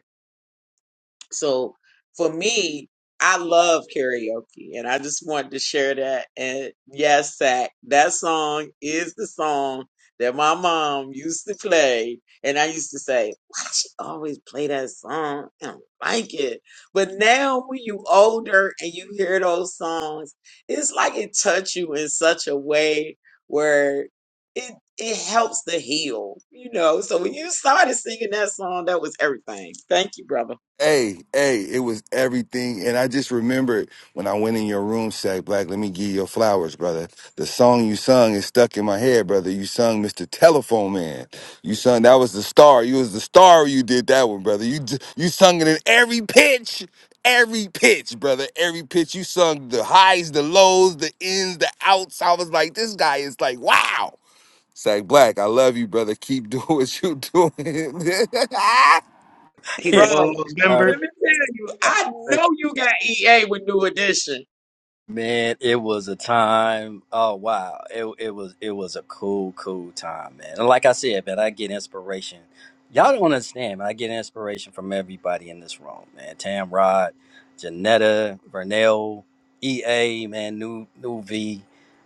S2: so for me, I love karaoke and I just wanted to share that. And yes, Zach, that song is the song that my mom used to play. And I used to say, why she always play that song? I don't like it. But now when you older and you hear those songs, it's like it touch you in such a way where it it helps to heal, you know. So when you started singing that song, that was everything. Thank you, brother.
S9: Hey, hey, it was everything. And I just remembered when I went in your room, said, Black, let me give you your flowers, brother. The song you sung is stuck in my head, brother. You sung Mr. Telephone Man. You sung, that was the star. You was the star you did that one, brother. You d- you sung it in every pitch every pitch, brother. Every pitch. You sung the highs, the lows, the ins, the outs. I was like, this guy is like, wow. Sack Black, I love you, brother. Keep *laughs* doing what you doing. *laughs*
S6: *laughs*
S11: He the
S6: Yeah.
S2: Bro,
S11: long
S2: let
S11: lost
S6: All
S11: member.
S2: me tell you, I
S6: right.
S2: know you got EA with New Edition.
S6: Man, it was a time. Oh wow, it it was it was a cool, cool time, man. And like I said, man, I get inspiration. Y'all don't understand, man. I get inspiration from everybody in this room, man. Tamrod, Janetta, Vernell, EA, man, new new V,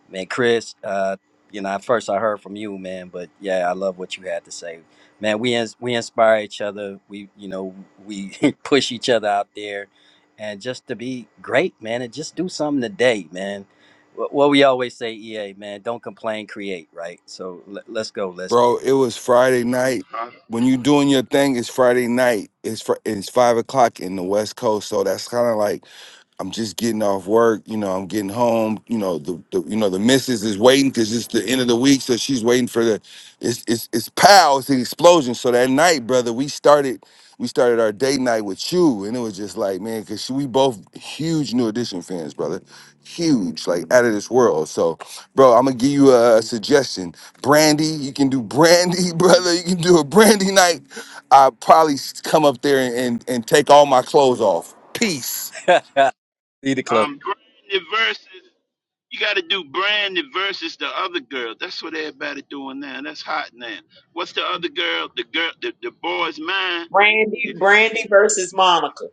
S6: man, Chris. Uh, you know, at first I heard from you, man, but yeah, I love what you had to say, man. We ins- we inspire each other. We you know we *laughs* push each other out there and just to be great, man, and just do something today, man. Wh- What we always say, EA, man, don't complain, create, right? So le- let's go, let's get
S9: Bro, it
S6: it.
S9: was Friday night. When you doing your thing, it's Friday night. It's fr- it's five o'clock in the West Coast, so that's kind of like I'm just getting off work. You know, I'm getting home. You know, the, the you know the missus is waiting because it's the end of the week, so she's waiting for the it's it's it's pow, it's an explosion. So that night, brother, we started we started our date night with you, and it was just like man, because we both huge New Edition fans, brother. huge, like out of this world. So, bro, I'm gonna give you a suggestion. Brandy, you can do brandy, *laughs* brother. You can do a brandy night. I probably s- come up there and, and and take all my clothes off. Peace.
S6: *laughs* Need to close.
S1: I'm bringing the verses. You got to do Brandy versus the other girl. That's what everybody doing now. That's hot now. What's the other girl? The girl, the, the boy's mind.
S2: Brandy,
S1: If
S2: Brandy versus Monica.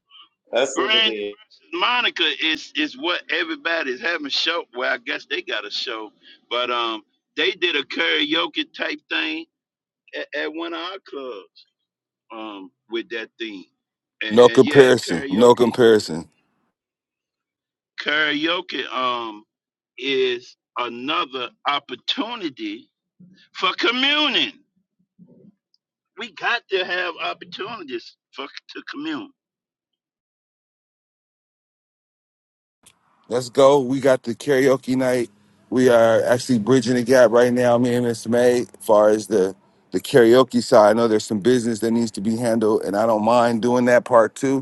S2: That's what it
S1: Brandy
S2: is.
S1: versus Monica is is what everybody's having show. Well, I guess they got a show, but um, they did a karaoke type thing at, at one of our clubs um with that theme, and,
S9: No
S1: and yeah,
S9: comparison. No
S1: karaoke,
S9: comparison.
S1: karaoke um is another opportunity for communing. we got to have opportunities for to commune.
S9: Let's go. We got the karaoke night. We are actually bridging the gap right now, me and Miss May, as far as the the karaoke side. I know there's some business that needs to be handled, and I don't mind doing that part too.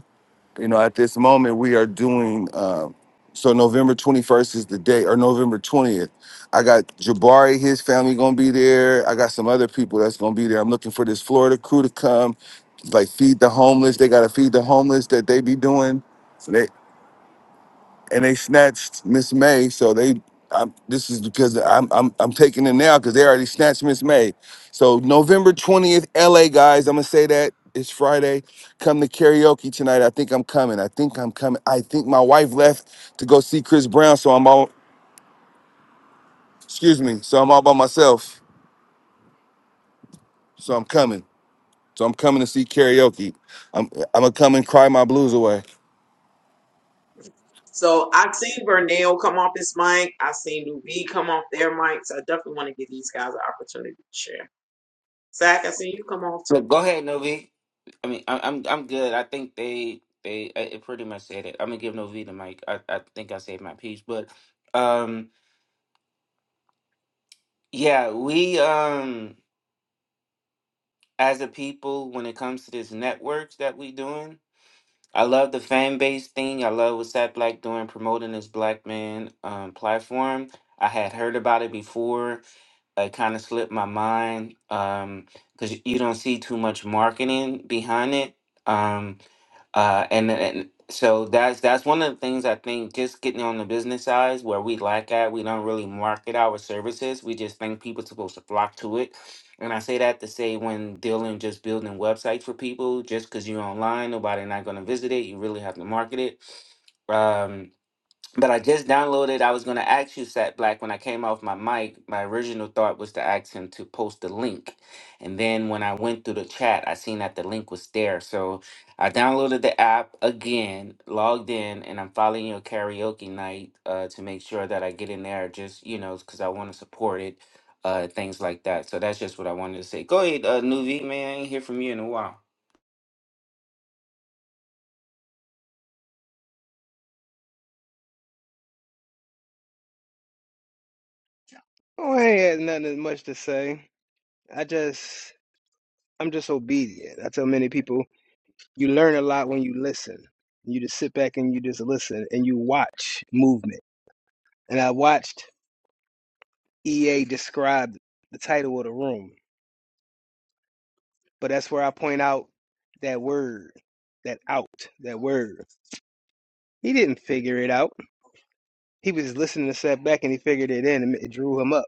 S9: You know, at this moment, we are doing. Um, so November 21st is the day, or November 20th. I got Jabari, his family gonna be there. I got some other people that's gonna be there. I'm looking for this Florida crew to come, like feed the homeless. They gotta feed the homeless that they be doing. So they and they snatched Miss May. So they, I'm, this is because I'm, I'm, I'm taking it now because they already snatched Miss May. So November 20th, LA guys, I'm gonna say that it's Friday. Come to karaoke tonight. I think I'm coming. I think I'm coming. I think my wife left to go see Chris Brown, so I'm all, excuse me, so I'm all by myself. So I'm coming. So I'm coming to see karaoke. I'm, I'm gonna come and cry my blues away.
S2: So I've seen Vernell come off his mic. I've seen New B come off their mics. I definitely want to give these guys an opportunity to share. Zach, I seen you come off
S5: Look, Go ahead, Novi. I mean, I, I'm, I'm good. I think they, they, I- it pretty much said it. I'm gonna give Novi the mic. I, I think I said my piece, but, um, yeah, we, um, as a people, when it comes to this networks that we doing, I love the fan base thing. I love what Sat Black doing promoting his black man um, platform. I had heard about it before. It kind of slipped my mind because you don't see too much marketing behind it. Um, uh, and and so that's that's one of the things I think just getting on the business side where we lack at. We don't really market our services. We just think people supposed to flock to it. And I say that to say when dealing just building websites for people, just because you're online, nobody not going to visit it. You really have to market it. Um, but I just downloaded. I was going to ask you, Sat Black, when I came off my mic, my original thought was to ask him to post the link. And then when I went through the chat, I seen that the link was there. So I downloaded the app again, logged in, and I'm following your karaoke night uh, to make sure that I get in there just, you know, because I want to support it, uh, things like that. So that's just what I wanted to say. Go ahead, uh, Nuvi, man. I ain't hear from you in a while.
S11: Oh, I ain't had nothing as much to say. I just, I'm just obedient. I tell many people, you learn a lot when you listen. You just sit back and you just listen and you watch movement. And I watched EA describe the title of the room, but that's where I point out that word, that out, that word. He didn't figure it out. He was listening to set back and he figured it in and it drew him up.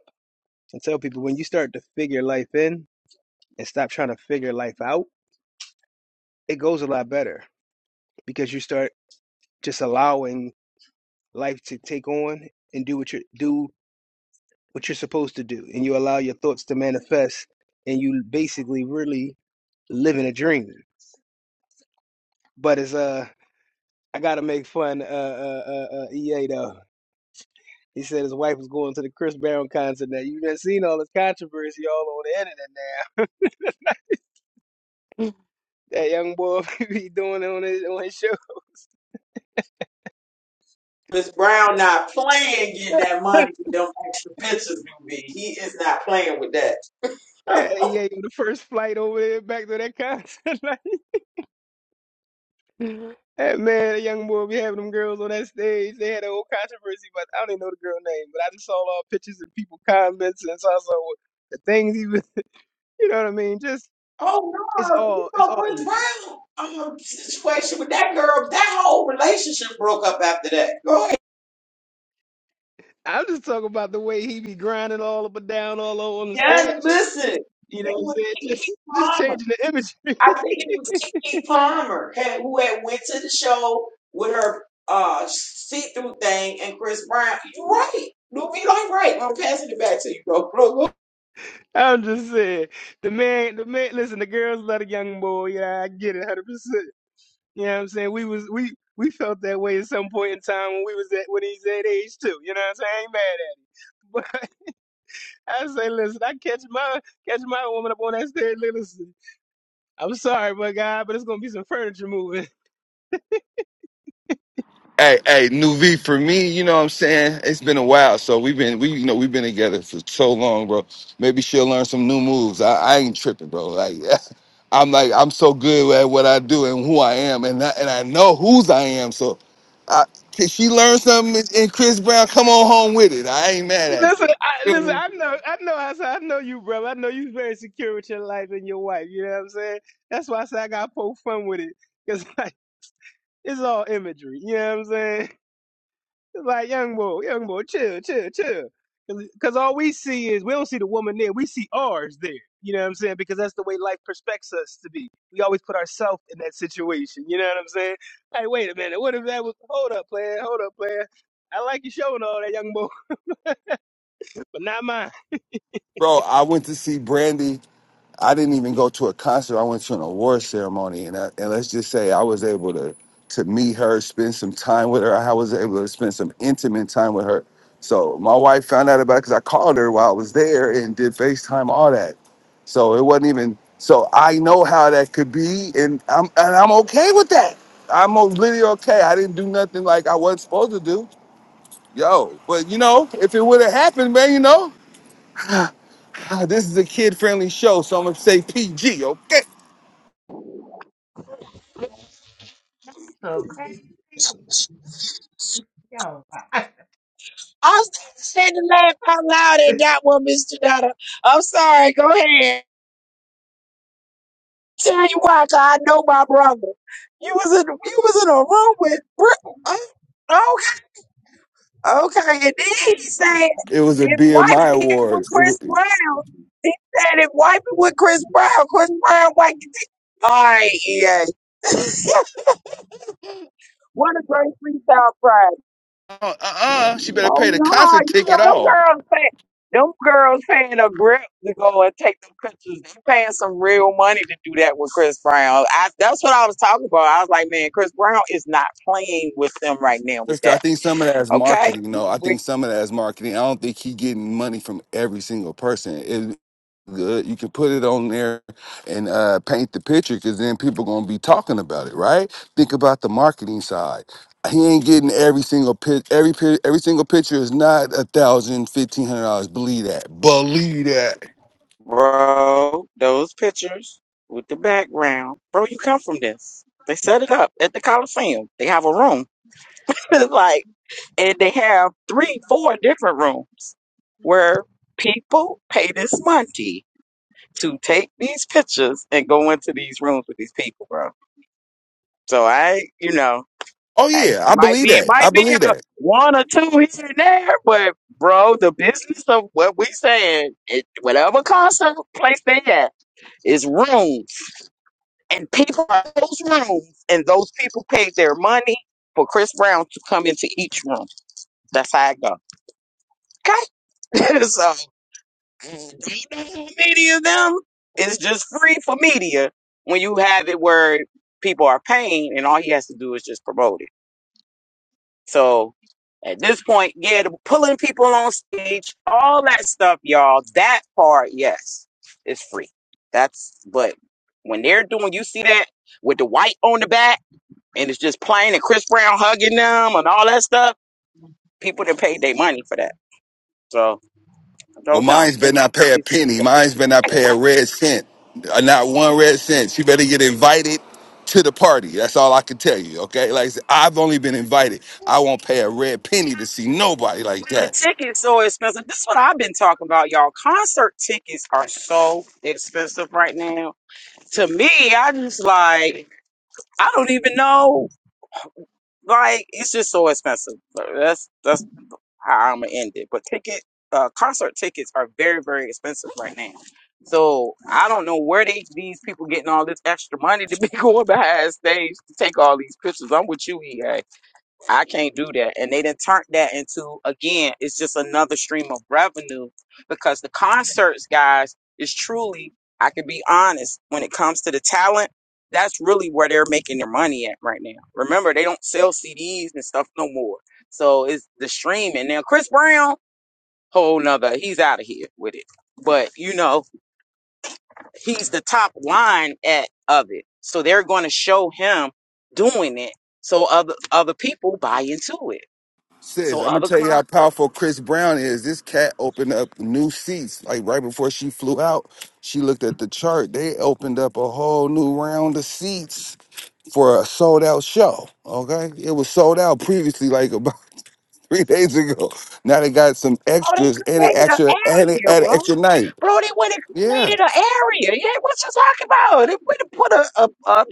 S11: and tell people when you start to figure life in and stop trying to figure life out it goes a lot better because you start just allowing life to take on and do what you do what you're supposed to do and you allow your thoughts to manifest and you basically really living a dream but it's uh i gotta make fun uh uh uh, uh ea though he said his wife was going to the Chris Brown concert. Now you done seen all this controversy all on the internet. Now that young boy *laughs* be doing it on his on his show.
S2: too. Miss Brown not playing getting that
S11: *laughs*
S2: money with them extra pictures, New B. He is not playing with that.
S11: yeah, he ain't on the first flight over there back to that concert. *laughs* Like, That man, that young boy be having them girls on that stage. They had a whole controversy, but I don't even know the girl name. But I just saw all pictures and people comments, and so I saw what- the things he was. *laughs* You know what I mean? Just
S2: Oh
S11: it's
S2: no, you
S11: all it's
S2: know
S11: all
S2: Chris
S11: imagery.
S2: Brown um, situation with that girl. That whole relationship broke up after that. Go ahead.
S11: I'm just talking about the way he be grinding all up and down all over on the
S2: Yeah,
S11: stage.
S2: listen,
S11: You know
S2: it
S11: what I'm
S2: was
S11: saying?
S2: Kiki
S11: Just *laughs* just
S2: Palmer.
S11: changing the
S2: I
S11: imagery.
S2: think it was Kiki Palmer had, who had went to the show with her uh see-through thing and Chris Brown. You're right. You'll be like right. I'm passing it back to you, bro. *laughs* bro, bro.
S11: *laughs* I'm just saying the man, the man. Listen, the girls love the young boy. Yeah, I get it, hundred percent. You know what I'm saying? We was we we felt that way at some point in time when we was at when he's that age too. You know what I'm saying? I ain't mad at him. But *laughs* I say, listen, I catch my catch my woman up on that stairs. li- Listen, I'm sorry, my guy, but it's gonna be some furniture moving.
S9: Hey, hey, new V for me, you know what I'm saying? It's been a while. So we've been we you know, we've been together for so long, bro. Maybe she'll learn some new moves. I, I ain't tripping, bro. Like *laughs* I'm like I'm so good at what I do and who I am and I, and I know whose I am. So I, can she learn something and and Chris Brown come on home with it. I ain't
S11: *laughs*
S9: mad at
S11: listen, I,
S9: you. Feel
S11: listen,
S9: me?
S11: I know, I know, I said, I know you, brother. I know you very secure with your life and your wife. You know what I'm saying? That's why I said I gotta poke fun with it, cause *laughs* like it's all imagery. You know what I'm saying? It's like young boy, young boy, chill, chill, chill. Because all we see is we don't see the woman there. We see ours there. You know what I'm saying? Because that's the way life prospects us to be. We always put ourselves in that situation. You know what I'm saying? Hey, wait a minute. What if that was? Hold up, player. Hold up, player. I like you showing all that, young boy, *laughs* but not mine.
S9: Bro, I went to see Brandy I didn't even go to a concert. I went to an award ceremony, and I, and let's just say I was able to to meet her, spend some time with her. I was able to spend some intimate time with her. So my wife found out about it because I called her while I was there and did FaceTime, all that. So it wasn't even. So I know how that could be, and I'm and I'm okay with that. I'm o- literally okay. I didn't do nothing like I wasn't supposed to do, yo. But you know, if it would have happened, man, you know, *sighs* this is a kid-friendly show, so I'm gonna say PG, okay?
S4: So crazy, y'all. rock.
S2: I said to laugh out loud at that one, Mr. Dada. I'm sorry. Go ahead. Tell you why, 'cause I know my brother. You was in you was in a room with Br- I, Okay, and then he *laughs* said
S9: It was a
S2: if wiping
S9: BMI
S2: it with
S9: awards. It was,
S2: Chris Brown, he said if wiping with Chris Brown, Chris Brown white. All right, yeah. What a great freestyle pride.
S9: uh, uh, she better
S2: Oh
S9: pay the
S2: no,
S9: concert
S2: you
S9: ticket
S2: know them
S9: off.
S2: girls pay them girls paying a grip to go and take them pictures. They paying some real money to do that with Chris Brown. I, that's what I was talking about. I was like, man, Chris Brown is not playing with them right now with
S9: Sister, I
S2: that.
S9: think some of that is
S2: Okay,
S9: marketing. though. I think some of that is marketing. I don't think he getting money from every single person. It good. You can put it on there and uh, paint the picture because then people gonna be talking about it, right? Think about the marketing side. He ain't getting every single pic. Every pi- every single picture is not a thousand, fifteen hundred dollars. Believe that. Believe that.
S2: Bro, those pictures with the background. Bro, you come from this. They set it up at the Coliseum. They have a room. *laughs* It's like, and they have three, four different rooms where people pay this money to take these pictures and go into these rooms with these people, bro. So I, you know.
S9: Oh
S2: Hey,
S9: yeah, I
S2: might
S9: believe
S2: be
S9: that. I
S2: might be
S9: believe
S2: a
S9: that.
S2: one or two here and there, but bro, the business of what we saying, it, whatever concert place they at, is rooms, and people are in those rooms, and those people paid their money for Chris Brown to come into each room. That's how it go. Okay, *laughs* so they know media them. It's just free for media when you have it where people are paying, and all he has to do is just promote it. So at this point, yeah, the pulling people on stage, all that stuff, y'all, that part, yes, is free. That's, but when they're doing, you see that with the white on the back and it's just plain and Chris Brown hugging them and all that stuff, people that paid their money for that. So I
S9: Well,
S2: don't know.
S9: mine's better
S2: And
S9: not pay a
S2: it's,
S9: penny. Mine's better not pay a red cent. Uh, Not one red cent. She better get invited to the party. That's all I can tell you. Okay. Like I said, I've only been invited. I won't pay a red penny to see nobody like
S2: bro, the
S9: that.
S2: tickets so expensive. This is what I've been talking about, y'all. Concert tickets are so expensive right now. To me, I just like, I don't even know Like it's just so expensive. But That's that's how I'm gonna end it. But ticket, uh, concert tickets are very very expensive right now. So I don't know where they these people getting all this extra money to be *laughs* going behind stage to take all these pictures. I'm with you, EA. I can't do that. And they didn't turn that into again, it's just another stream of revenue because the concerts, guys, is truly, I can be honest, when it comes to the talent, that's really where they're making their money at right now. Remember, they don't sell CDs and stuff no more. So it's the streaming. Now Chris Brown, whole nother, he's out of here with it. But you know, he's the top line at of it. So they're gonna show him doing it so other other people buy into it.
S9: Sis,
S2: So
S9: I'm gonna
S2: other
S9: tell you how
S2: concerts.
S9: powerful Chris Brown is. This cat opened up new seats. Like right before she flew out, she looked at the chart. They opened up a whole new round of seats for a sold out show. Okay, it was sold out previously, like *laughs* about. *laughs* three days ago. Now they got some
S2: Oh, they
S9: extras and they
S2: created an
S9: extra and they
S2: area,
S9: add an
S2: bro.
S9: extra night.
S2: Bro, they went and
S9: Yeah.
S2: created an area. Yeah, what you talking about? They went and put a, a, a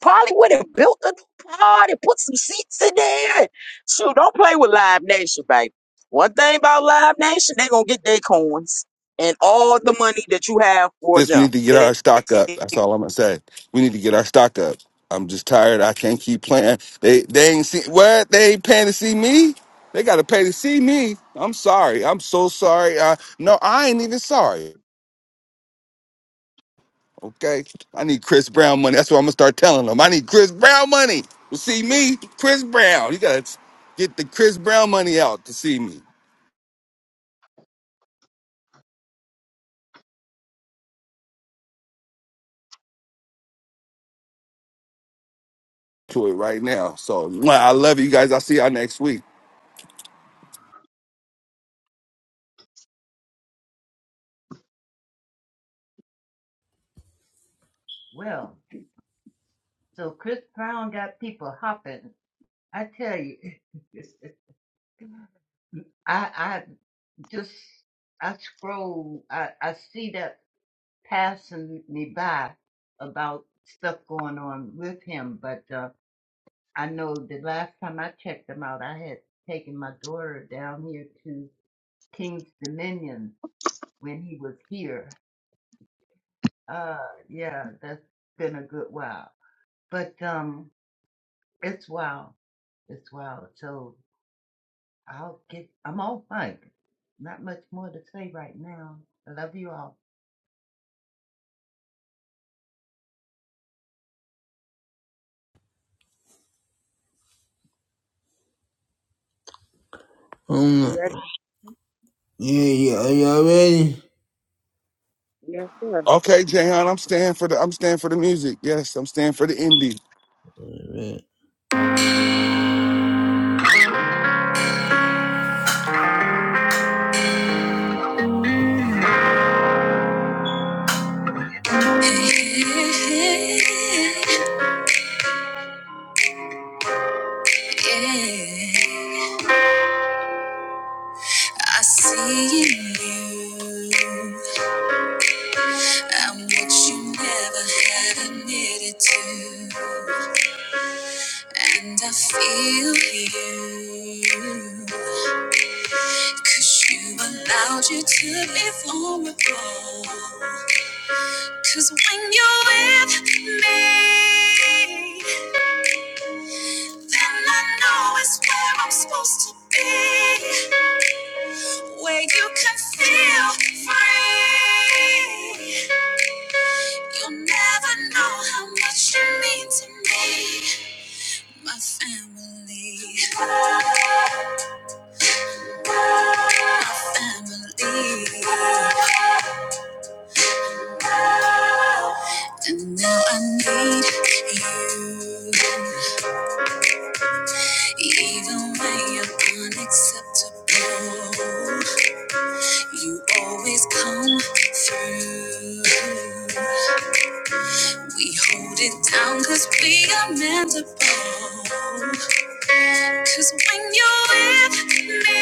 S2: probably went and built a new part and put some seats in there. Shoot, don't play with Live Nation, baby. One thing about Live Nation, they gonna get their coins and all the money that you have for
S9: This we
S2: them.
S9: need to get our
S2: They-
S9: stock up. That's all I'm gonna say. We need to get our stock up. I'm just tired. I can't keep playing. They they ain't see what they ain't paying to see me. They gotta pay to see me. I'm sorry. I'm so sorry. Uh, no, I ain't even sorry. Okay. I need Chris Brown money. That's what I'm gonna start telling them. I need Chris Brown money to see me. Chris Brown. You gotta get the Chris Brown money out to see me. to it right now. So mwah, I love you guys. I'll see y'all next week.
S4: Well, so Chris Brown got people hopping. I tell you, *laughs* I I just I scroll. I I see that. passing me by about stuff going on with him. But uh, I know the last time I checked him out, I had taken my daughter down here to King's Dominion when he was here. Uh, yeah, that's been a good while. But um, it's wild. It's wild. So I'll get. I'm all mic. Not much more to say right now. I love you all.
S3: Um,
S2: you ready?
S3: Yeah, yeah, are you ready?
S2: Yes,
S9: Okay, Jayhan, I'm staying for the I'm staying for the music. Yes, I'm staying for the indie.
S3: Yeah. I see in you. I'm what you never had admitted to. And I feel you, 'cause you allowed you to be vulnerable. 'Cause when you're with me, then I know it's where I'm supposed to be. Where you can feel free. always come through. We hold it down cause we are meant to bond. Cause when you're with me,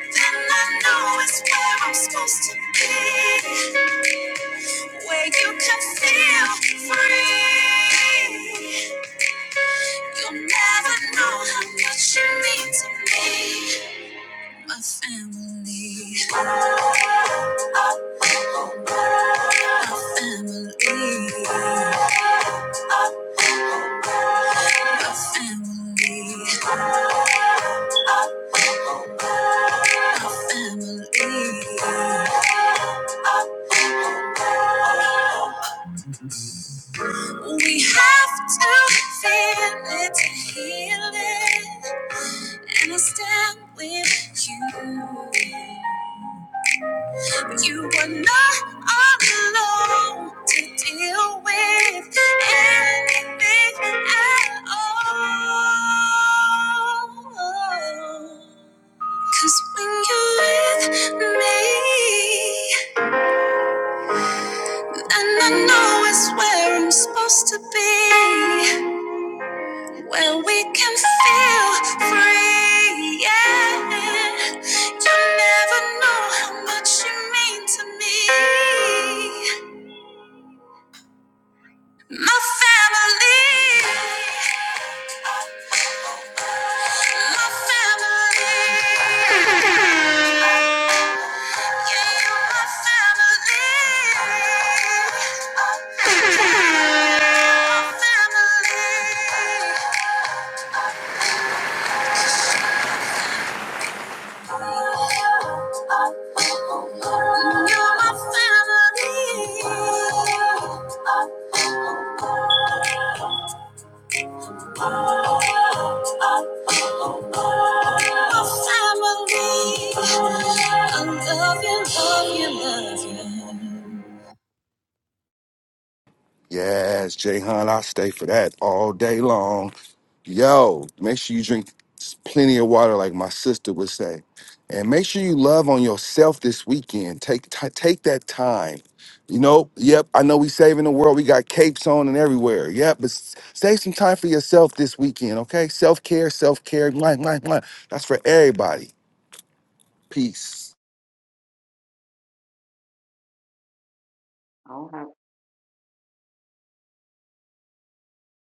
S3: then I know it's where I'm supposed to be. Where you can feel free. You'll never know how much you mean to me. My family, my family. Family, family. We have to feel it to heal it, and I stand with you. You are not alone to deal with anything at all. 'Cause when you're with me, And I know it's where I'm supposed to be, where we can feel free. Yeah, you never know how much you mean to me. My family, my family, yeah, my family, my family. You're my family. My family. I love you, love you, love you.
S9: Yes, Jayhan, I'll stay for that all day long. Yo, make sure you drink s- plenty of water, like my sister would say, and make sure you love on yourself this weekend. Take ti- take that time. You know, yep, I know we saving the world. We got capes on and everywhere. Yep, but s- save some time for yourself this weekend, okay? Self care, self care. That's for everybody. Peace.
S2: sir.